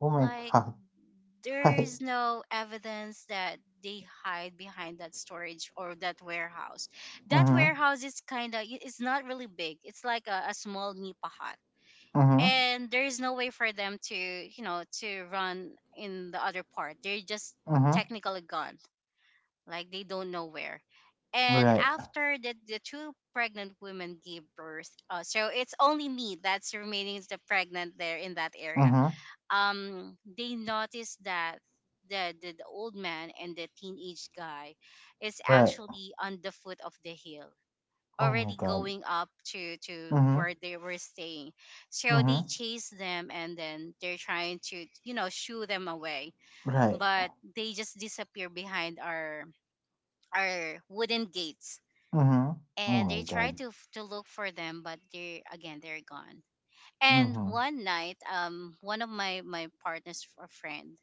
Oh my Like god. Right. there's no evidence that they hide behind that storage or that warehouse. That Mm-hmm. warehouse is kind of — it's not really big. It's like a small nipa hut. Mm-hmm. And there is no way for them to, you know, to run in the other part. They're just Mm-hmm. technically gone. Like they don't know where. And Right. after the two pregnant women gave birth, so it's only me that's remaining the pregnant there in that area. Mm-hmm. They noticed that the old man and the teenage guy is Right. actually on the foot of the hill, Oh my already god. going up to Mm-hmm. where they were staying. So they Mm-hmm. chase them and then they're trying to shoo them away, Right. but they just disappear behind our wooden gates, Mm-hmm. Oh and they my try god. To look for them, but they're again they're gone. And Mm-hmm. one night, one of my partners a friend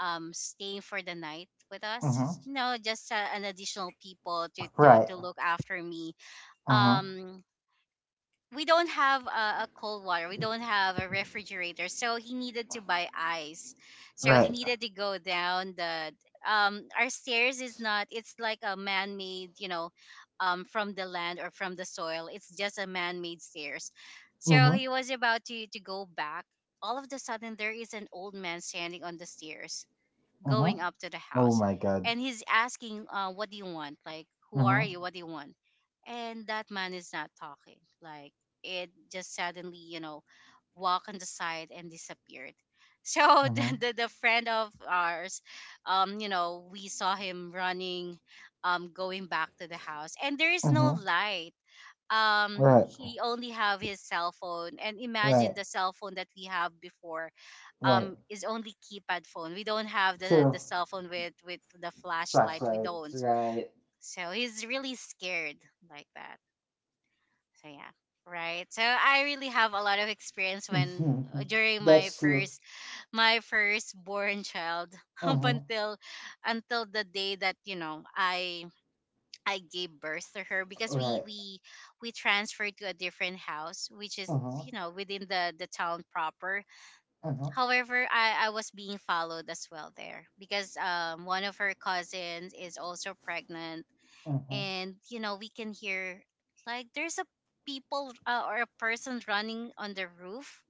staying for the night with us, Mm-hmm. you know, just an additional people to to Right. to look after me. Mm-hmm. um we don't have a cold water, we don't have a refrigerator, so he needed to buy ice. So he Right. needed to go down the, our stairs is not, it's like a man-made, you know, from the land or from the soil, it's just a man-made stairs. So Mm-hmm. he was about to go back. All of the sudden there is an old man standing on the stairs, Mm-hmm. going up to the Oh house. my god. And he's asking, what do you want, like who are Mm-hmm. you, what do you want? And that man is not talking, like it just suddenly, you know, walk on the side and disappeared. So the, Mm-hmm. the, the friend of ours, you know, we saw him running, going back to the house, and there is no Mm-hmm. light. Right. He only have his cell phone, and Right. imagine the cell phone that we have before, Right. Is only keypad phone. We don't have the True. Cell phone with the flashlight. We Flashlights, don't. right. So he's really scared like that. So yeah. Right. So I really have a lot of experience when, Mhm. during my That's true. first, my first born child up Hmm. Until the day that, you know, I gave birth to her, because we Right. we we transferred to a different house which is, Hmm. you know, within the town proper. Hmm. However, I was being followed as well there, because one of her cousins is also pregnant, Hmm. and you know we can hear, like there's a people, or a person running on the roof.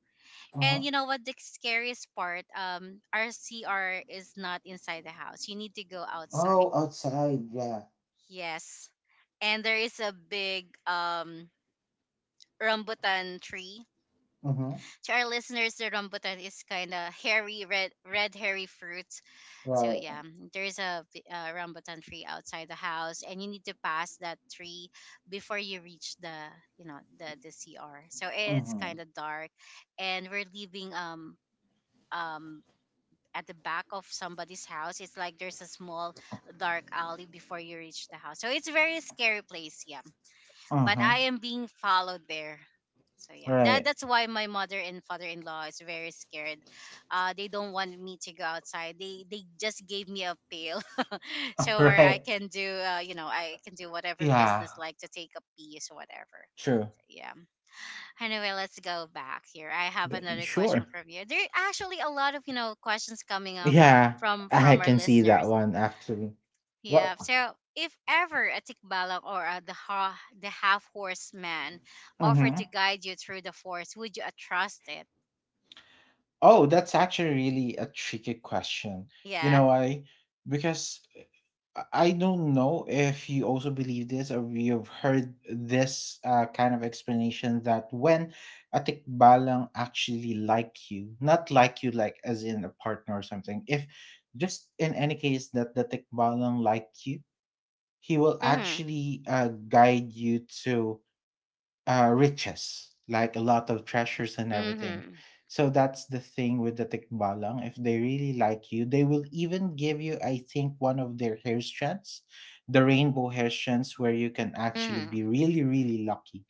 And Hmm. you know what the scariest part? Our CR is not inside the house. You need to go Oh, outside. outside, yeah. Yes, and there is a big rambutan tree. Hmm. To our listeners, the rambutan is kind of hairy red, red hairy fruit. So Right. yeah, there's a rambutan tree outside the house, and you need to pass that tree before you reach the, you know, the CR. So it's Hmm. kind of dark, and we're leaving um at the back of somebody's house. It's like there's a small dark alley before you reach the house. So it's very scary place. Yeah, but I Hmm. am being followed there. So yeah, that Right. that's why my mother and father-in-law is very scared. They don't want me to go outside. They just gave me a pail, so where I Right. can do, you know, I can do whatever Yeah. business, like to take a piece or whatever. True. So, yeah. Anyway, let's go back here. I have G- another question Sure. from you. There are actually a lot of, you know, questions coming up Yeah, from I our can see that listeners. one actually. Yeah. What? So if ever a tikbalang, or a, the half horse man offered Hmm. to guide you through the forest, would you, trust it? Oh, that's actually really a tricky question. You Yeah. know why? Because I don't know if you also believe this or you've heard this kind of explanation that when a tikbalang actually like you, not like you like as in a partner or something, if just in any case that the tikbalang like you, he will Mhm. actually guide you to riches, like a lot of treasures and everything. Mhm. So that's the thing with the tikbalang. If they really like you, they will even give you, I think, one of their hair strands, the rainbow hair strands, where you can actually Mhm. be really, really lucky.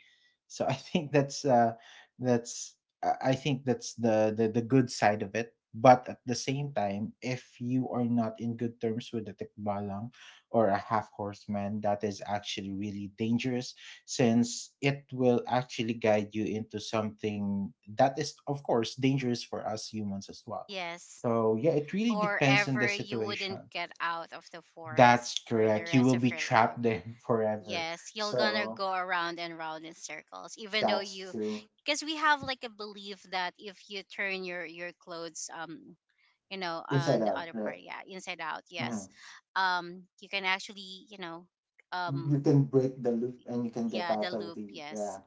So I think that's I think that's the good side of it. But at the same time, if you are not in good terms with the tikbalang or a half horseman, that is actually really dangerous since it will actually guide you into something that is, of course, dangerous for us humans as well. Yes. So, yeah, it really Or depends on the ever you wouldn't situation. get out of the forest That's for the correct. You rest will of be your life. trapped there forever. Yes, you're gonna So, go around and round in circles, even though that's you, true. because we have like a belief that if you turn your clothes, you know, Inside on the out, other right? part, yeah, inside out, Hmm. yes, you can actually, you know, You um can break the loop and you can get yeah, the out of loop, the, yes. yeah.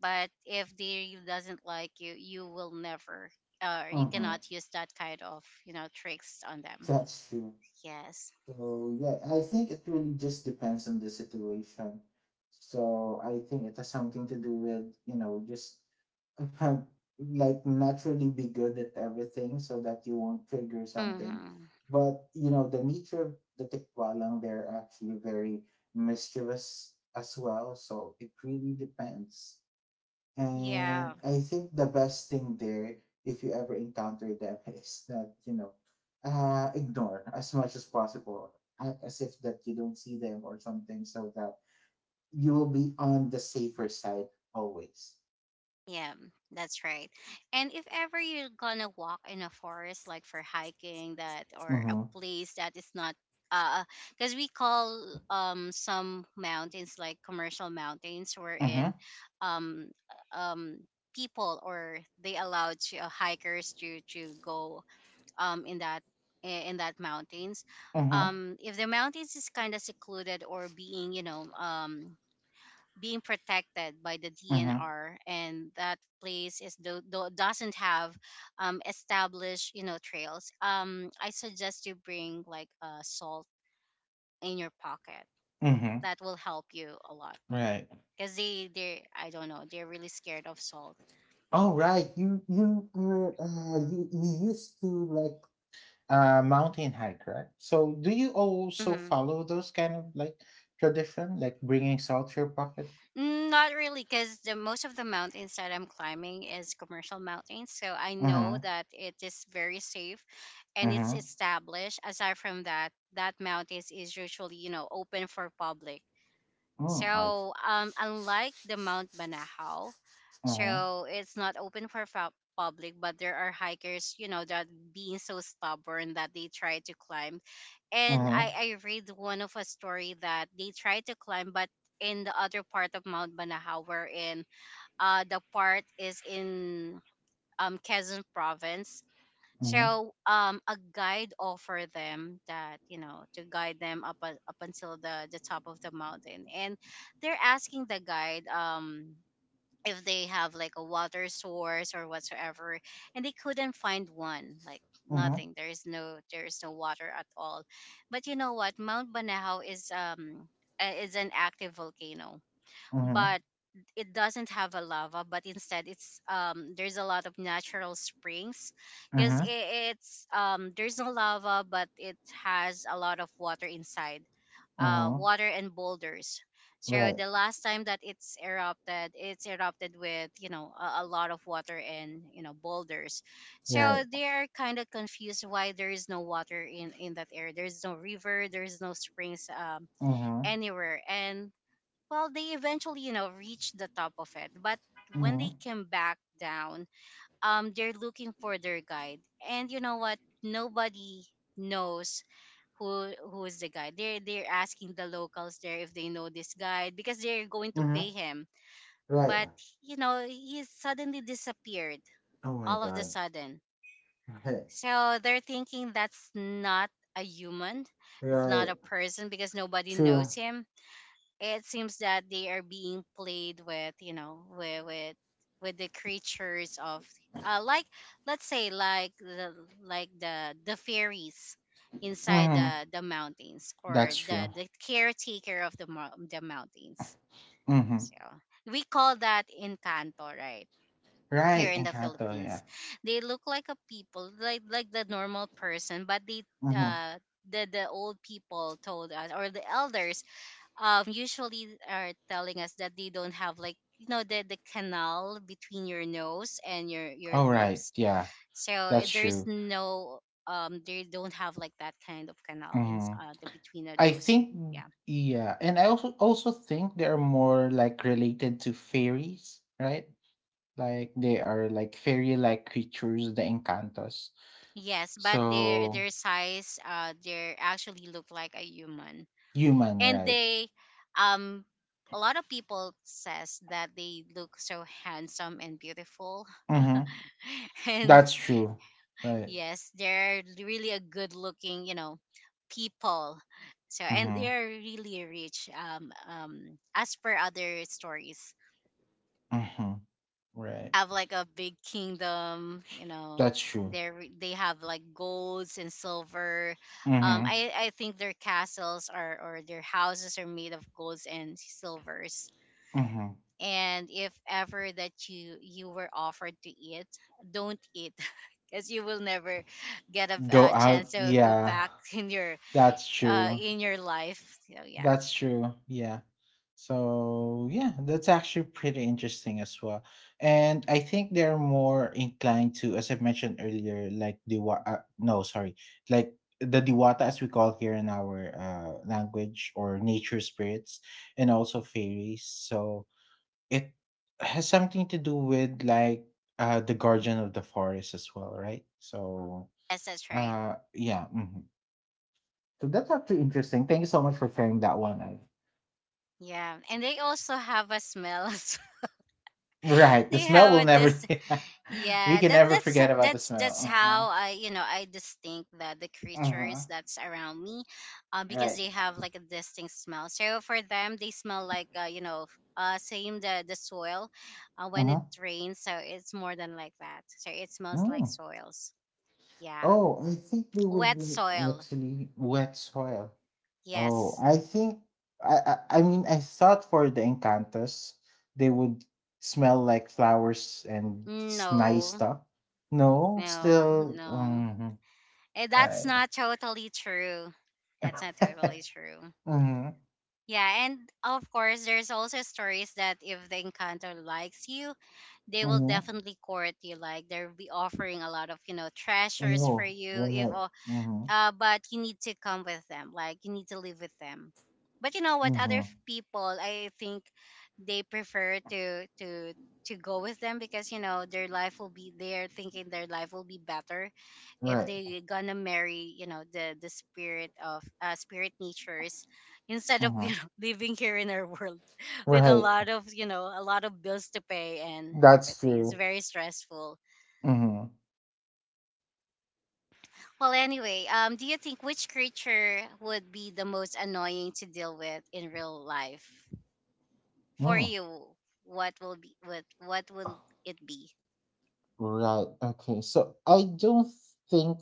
But if they doesn't like you will never, you Hmm. cannot use that kind of, you know, tricks on them. That's true. Yes. So yeah, I think it really just depends on the situation. So I think it has something to do with, you know, just um, like naturally be good at everything so that you won't trigger something. Mm-hmm. But you know, the nature of the tikwalang, they're actually very mischievous as well. So it really depends. Yeah. And I think the best thing there, if you ever encounter them, is that, you know, ignore as much as possible, a- as if that you don't see them or something, so that you will be on the safer side always. Yeah, that's right. And if ever you're gonna walk in a forest, like for hiking, that or a Mm-hmm. place that is not, uh, because we call some mountains like commercial mountains, wherein, Mm-hmm. um, um, people or they allowed to, hikers to go in that, in that mountains. Mm-hmm. If the mountains is kind of secluded or being, you know, being protected by the Mm-hmm. DNR, and that place is doesn't have established, you know, trails. I suggest you bring like, salt in your pocket. Mm-hmm. That will help you a lot, Right. because they I don't know, they're really scared of salt. Oh, right. You were you, you used to like mountain hike, right? So do you also Mm-hmm. follow those kind of like tradition, like bringing salt to your pocket? Mm, not really, because the most of the mountains that I'm climbing is commercial mountains, so I know that it is very safe and it's Mhm. established. Aside from that, that mountains is usually, you know, open for public. Mm, I So unlike the Mount Banahaw, mhm, so it's not open for public, but there are hikers, you know, that being so stubborn that they try to climb. And mhm, I read one of a story that they tried to climb, but in the other part of Mount Banahaw, wherein the part is in Quezon province. mhm, So a guide offered them that, you know, to guide them up up until the top of the mountain. And they're asking the guide, um, if they have like a water source or whatsoever, and they couldn't find one, like mhm, nothing, there is no, there is no water at all. But you know what, Mount Banahaw is an active volcano, mhm, but it doesn't have a lava, but instead it's, um, there's a lot of natural springs, because mhm, it's, um, there's no lava, but it has a lot of water inside, mhm. water and boulders. So Right. the last time that it's erupted with, you know, a lot of water and, you know, boulders. So Yeah. they are kind of confused why there is no water in that area. There's no river, there's no springs Mhm. anywhere, and well, they eventually, you know, reached the top of it. But when they Mhm. came back down, they're looking for their guide. And you know what? Nobody knows who is the guide. They're asking the locals there if they know this guide, because they're going to pay Mhm. him. Right. But, you know, he suddenly disappeared Oh my all of the God. sudden. Right. So they're thinking that's not a human. It's not Right. a person, because nobody True. knows him. It seems that they are being played with, you know, with with the creatures of, like, let's say like the, like the fairies inside Mhm. the mountains, or That's the true. Caretaker of the mountains. Mhm. So we call that encanto, right, here Right. in the Encanto. Philippines. Yeah. They look like a people, like the normal person, but they, Mhm. uh the old people told us, or the elders, usually are telling us that they don't have, like, you know, the canal between your nose and your All right. lips. Yeah. So eh, That's there is true. no, they don't have like that kind of canal in, Mhm. The between of I those. And think. yeah. Yeah. And I also also think they are more like related to fairies, right? Like they are like fairy-like creatures, the Encantos. Yes, but their So their size, they actually look like a human. human, And right? they, um a lot of people says that they look so handsome and beautiful, Mm-hmm. and That's true. Right. yes, they're really a good looking, you know, people. So and Mm-hmm. they're really rich. As per other stories, Mm-hmm. Right. have like a big kingdom. You know, That's true. They have like golds and silver. Mm-hmm. I think their castles are, or their houses are made of golds and silvers. Mm-hmm. And if ever that you were offered to eat, don't eat because you will never get a, Go chance out. to go Yeah. back in your, That's true. in your life. So yeah. That's true. Yeah. So yeah, that's actually pretty interesting as well. And I think they're more inclined to, as I mentioned earlier, like the no, sorry, like the diwata as we call here in our language or nature spirits and also fairies. So it has something to do with like the guardian of the forest as well, right? So Yes, that's right. Yeah. Mhm. So that's actually interesting. Thank you so much for sharing that one. Yeah, and they also have a smell as well. Right. The They smell will have a, never. this. We Yeah, can that's never that's forget about the that's smell. that's Uh huh. how I, you know, I distinct the Uh huh. creatures that's around me, because Right. they have like a distinct smell. So for them, they smell like, you know, uh, same the soil, Uh when it huh. rains. So it's more than like that. So it smells like Mm. soils. Yeah, Oh, I think they would wet be soil. actually wet soil. Oh, Yes. I think. I, I I mean I thought for the Encantos they would smell like flowers and s- nice No. stuff. No, No. still. No. Mhm, Eh, that's right. not totally true. That's not totally true. Mm-hmm, Yeah, and of course, there's also stories that if the encounter likes you, they will mm-hmm. definitely court you. Like they'll be offering a lot of, you know, treasures for Oh, you. If right. Mm-hmm, But you need to come with them, like you need to live with them. But you know what other mm-hmm. People, I think they prefer to go with them because you know their life will be, they're thinking their life will be better if Right. they gonna marry, you know, the spirit of spirit natures instead of you Mm-hmm. know living here in our world with a Right. lot of, you know, a lot of bills to pay and That's everything. It's true. very stressful. Mhm. Well, anyway, do you think which creature would be the most annoying to deal with in real life for Mm. you? What will be, what will it be? Right. Okay. So I don't think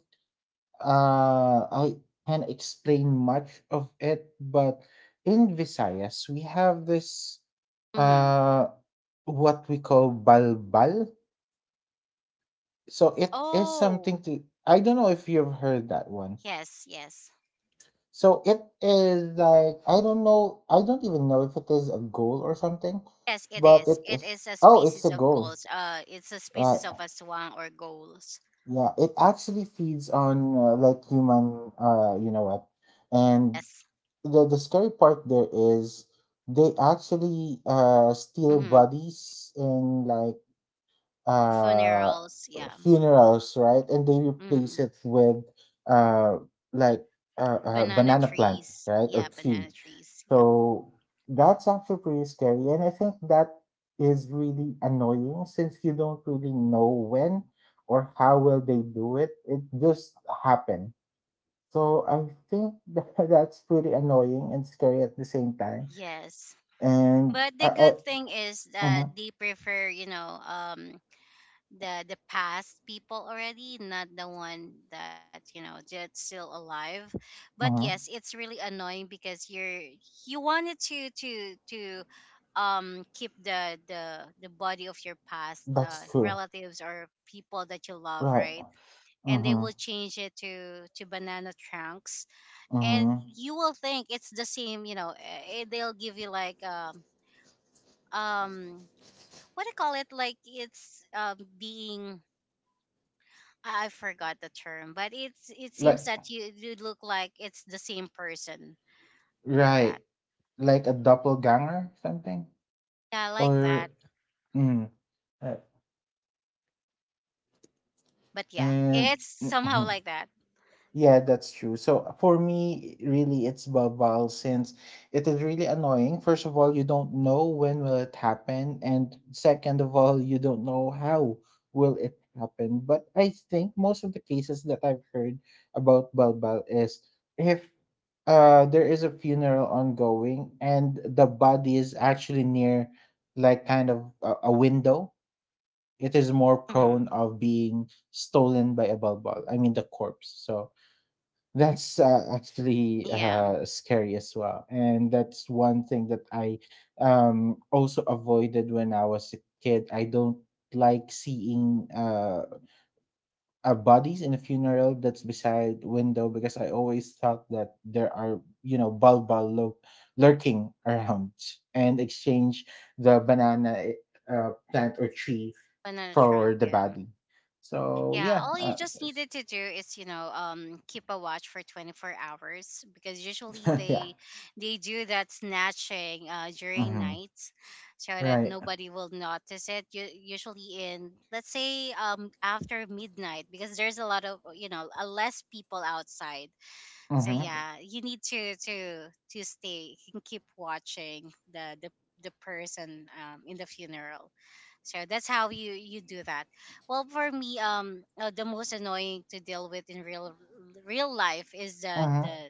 I can explain much of it, but in Visayas we have this Mm-hmm. uh what we call balbal. So it is Oh, something to I don't know if you've heard that one. yes, yes, So it is like I don't know I don't even know if it is a goal or something, yes. It but is. it It is is a oh it's species a of goal. gulls. It's a Right. species of a swan or gulls. Yeah, it actually feeds on like human, you know what? And Yes. The scary part there is they actually steal Mm-hmm. bodies in like uh Funerals. Yeah. funerals, right? And they Mm-hmm. replace it with uh like Banana banana plant, trees. right? Or Yeah, tree. banana trees. Yeah. So that's actually pretty scary. And I think that is really annoying since you don't really know when or how will they do it. It just happened. So I think that that's pretty annoying and scary at the same time. Yes. And But I, the I good thing is that mm-hmm, they prefer, you know, the past people already, not the one that, you know, that's still alive. But mm-hmm, yes, it's really annoying because you wanted to keep the body of your past that's true. relatives or people that you love, Right. right? And they Mm-hmm. will change it to banana trunks, and Mm-hmm. you will think it's the same. You know, they'll give you like um, what I call it, like it's being, I forgot the term, but it's, it Like seems that you look like it's the same person, like right. that. Like a doppelganger or something? Yeah, like Or that. mm, uh, But yeah, and it's somehow like that. Yeah, that's true. So for me, really, it's Baval since it is really annoying. First of all, you don't know when will it happen, and second of all, you don't know how will it happen. But I think most of the cases that I've heard about Balbal is if there is a funeral ongoing and the body is actually near like kind of a window. It is more prone Hmm. of being stolen by a Balbal. I mean the corpse. So that's actually Yeah, scary as well, and that's one thing that I also avoided when I was a kid. I don't like seeing bodies in a funeral that's beside window because I always thought that there are you know balbal lurking around and exchange the banana plant or tree banana for trunk. the Yeah. body. So Yeah, yeah, all you just needed to do is, you know, keep a watch for 24 hours because usually yeah, they do that snatching during hmm, nights so that right. nobody will notice it. You usually in, let's say, after midnight, because there's a lot of, you know, less people outside. So Hmm. yeah, you need to stay and keep watching the the person um in the funeral. So that's how you, you do that. Well, for me, the most annoying to deal with in real life is the Mhm. the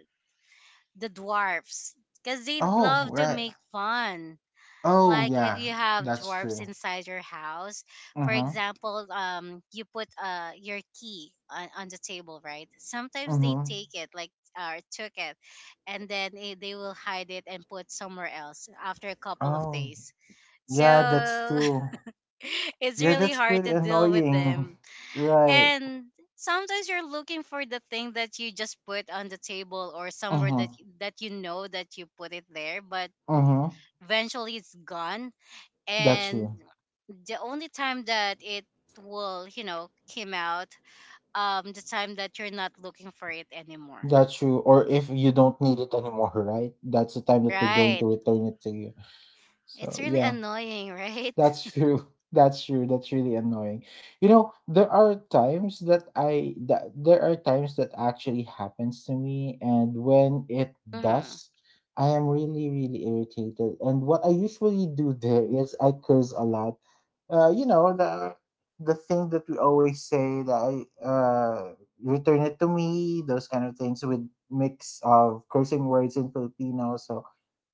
the dwarfs, because they Oh, love to right. make fun. Oh, Like, if you yeah, have that's dwarfs true. inside your house, for Mhm. example, um, you put your key on the table, right? Sometimes they Mhm. take it, like, took it, and then it, they will hide it and put somewhere else after a couple of Oh, days. yeah, that's So true. it's Yeah, really that's hard pretty to deal with annoying. them. Right. And sometimes you're looking for the thing that you just put on the table or somewhere that, Mhm. that you know that you put it there, but Mhm. eventually it's gone. That's And true. the only time that it will, you know, came out, um, the time that you're not looking for it anymore. That's true. Or if you don't need it anymore, right? That's the time that they're going Right. to return it to you. It's So really yeah. annoying, right? That's true. That's true. That's really annoying. You know, there are times that I that there are times that actually happens to me, and when it Mm-hmm. does, I am really really irritated. And what I usually do there is I curse a lot. You know the thing that we always say that I return it to me. Those kind of things with mix of cursing words in Filipino. So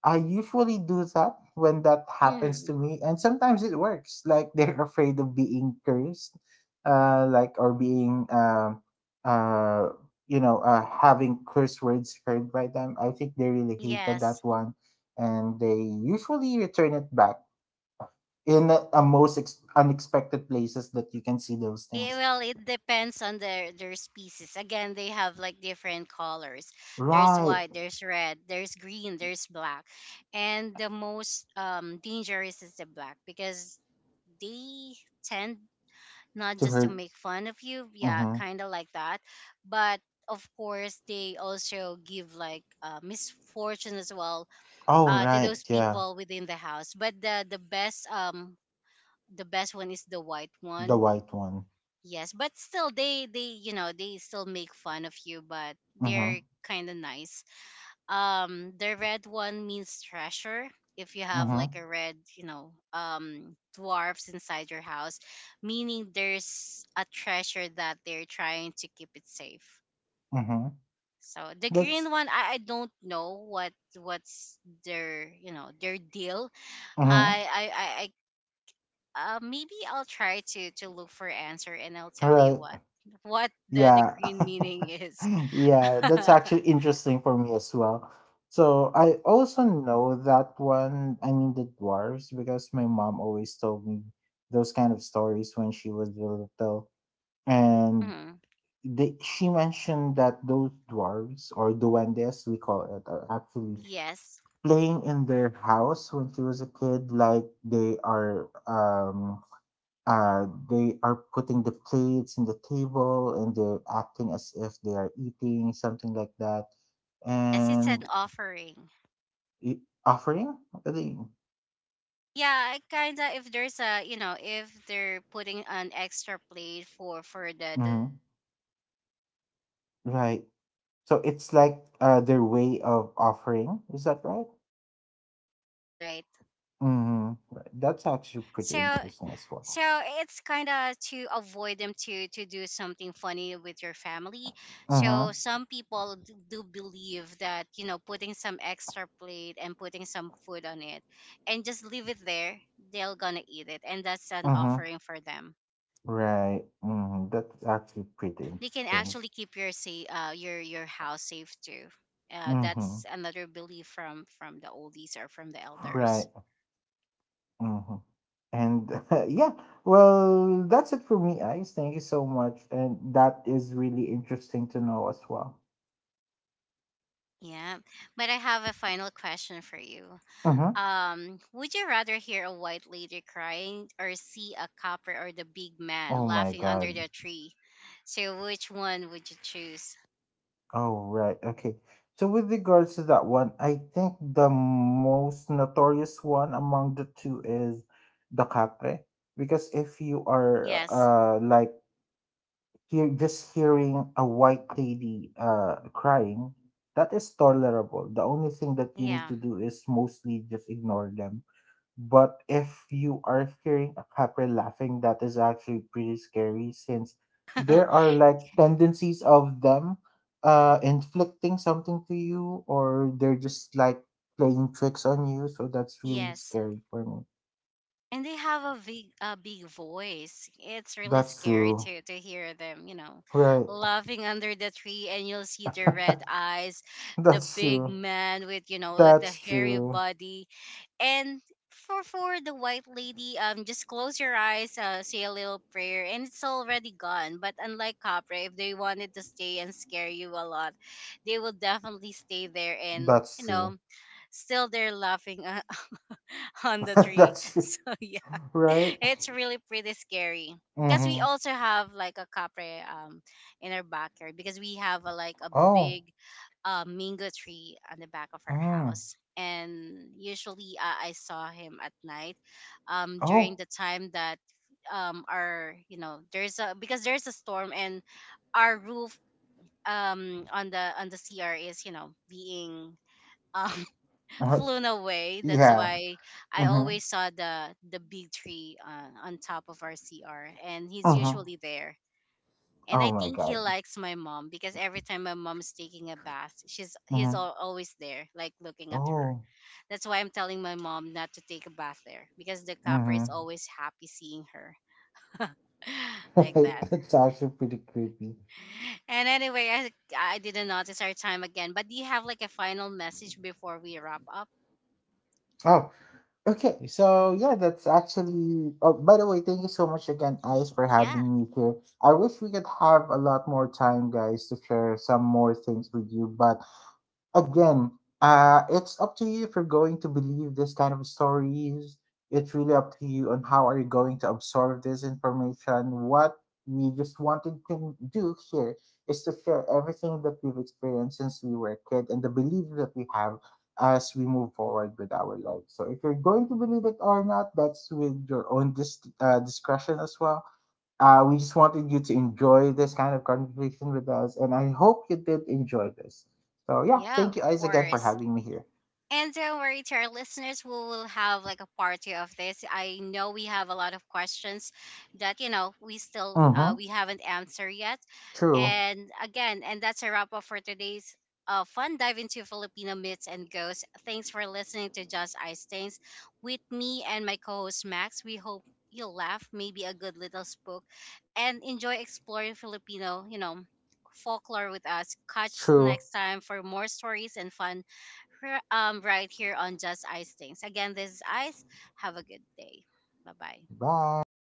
I usually do that when that happens to Mm-hmm. me, and sometimes it works. Like they're afraid of being cursed, like or being, uh, you know, having curse words heard by them. I think they really hated Yes. that one, and they usually return it back in a most unexpected places that you can see those Yeah, things. well, it depends on their species again. They have like different colors. There's Right white, there's red, there's green, there's black. And the most dangerous is the black, because they tend not to just to hurt. make fun of you, yeah, Mm-hmm. kind of like that, but of course they also give like misfortune as well, Oh to right, those yeah, people within the house. But the best um, the best one is the white the one. white one. Yes, but still they, you know, they still make fun of you, but Mm-hmm. they're kind of nice. Um, the red one means treasure. If you have like Mm-hmm. a red, you know, um, dwarfs inside your house, meaning there's a treasure that they're trying to keep it safe. Mm-hmm. So the That's. green one, I don't know what, what's their, you know, their deal. Mhm. I maybe I'll try to look for answer, and I'll tell you Right. what the Yeah. green meaning is. Yeah, that's actually interesting for me as well. So I also know that one, I mean the dwarves, because my mom always told me those kind of stories when she was little. And Mhm. they, she mentioned that those dwarves or duendes, we call it, are actually Yes, playing in their house when she was a kid. Like they are putting the plates in the table and they're acting as if they are eating something like that yes, it's an and offering. i- offering, Yeah, kinda. If there's a, you know, if they're putting an extra plate for the mm, dwarf, and putting some, right. you know, So some it's sweet like food, their it's like an way of offering. offering, is that right? Yeah, yeah, that's right. Mm-hmm. Right, that's actually So. pretty interesting as So well. it's kind of to avoid them to do something funny with your family. So Mm-hmm. some people do believe that, you know, putting some extra plate and putting some food on it and just leave it there, they're gonna eat it, and that's an Mm-hmm. offering for them. Right. Mm-hmm. That's actually pretty They can interesting. actually keep your, say, your house safe too. Mm-hmm. That's another belief from the oldies or from the elders. Right. Mm-hmm. And yeah, well, that's it for me, Ice. Thank you so much. And that is really interesting to know as well. Yeah, but I have a final question for you. Mm-hmm. Would you rather hear a white lady crying or see a copper or the big man Oh my laughing under God. the tree? So which one would you choose? Oh, right. Okay. So, with regards to that one, I think the most notorious one among the two is the capre. Because if you are Yes. Like hear, just hearing a white lady crying, that is tolerable. The only thing that you need Yeah. to do is mostly just ignore them. But if you are hearing a capra laughing, that is actually pretty scary since there are like tendencies of them inflicting something to you or they're just like playing tricks on you, so that's really Yes. scary for me. And they have a big, a big voice. It's really That's scary true. To hear them, you know, Right. laughing under the tree, and you'll see their red eyes, the That's big true. man with, you know, with the That's hairy true. body. And for the white lady, just close your eyes, say a little prayer, and it's already gone. But unlike Capra, if they wanted to stay and scare you a lot, they will definitely stay there, and That's you true. know, still they're laughing on the tree. That's true. So yeah, Right? it's really pretty scary because we Mm-hmm. also have like a Capra in our backyard, because we have a, like a Oh. big, a mango tree on the back of our Mm. house. And usually I saw him at night, during Oh. the time that our, you know, there's a, because there's a storm, and our roof on the CR is, you know, being um, Uh, flown away. That's yeah. why I Mm-hmm. always saw the big tree on top of our CR, and he's Mm-hmm. usually there. And Oh I my think god. he likes my mom, because every time my mom's taking a bath, she's he's Mm-hmm. Always there, like looking at her. Oh. That's why I'm telling my mom not to take a bath there, because the copper is Mm-hmm. always happy seeing her. Like that. That's actually pretty creepy. And anyway, I didn't notice our time again. But do you have like a final message before we wrap up? Oh, okay. So yeah, that's actually. Oh, by the way, thank you so much again, Ice, Y- for Yeah, having me here. I wish we could have a lot more time, guys, to share some more things with you, but again, it's up to you if you're going to believe this kind of stories. It's really up to you on how are you going to absorb this information. What we just wanted to do here is to share everything that we've experienced since we were a kid and the belief that we have as we move forward with our lives. So if you're going to believe it or not, that's with your own discretion as well. We just wanted you to enjoy this kind of conversation with us, and I hope you did enjoy this. So, yeah, yeah, thank of you guys again for course. having me here. And don't worry, to our listeners, we will have like a party of this. I know we have a lot of questions that, you know, we still Mm-hmm. we haven't answered yet. True. And again, and that's a wrap up for today's fun dive into Filipino myths and ghosts. Thanks for listening to Just Ice Things with me and my co-host Max. We hope you'll laugh, maybe a good little spook, and enjoy exploring Filipino, you know, folklore with us. Catch True. next time for more stories and fun right here on Just Ice Things. Again, this is Ice. Have a good day. Bye bye. Bye.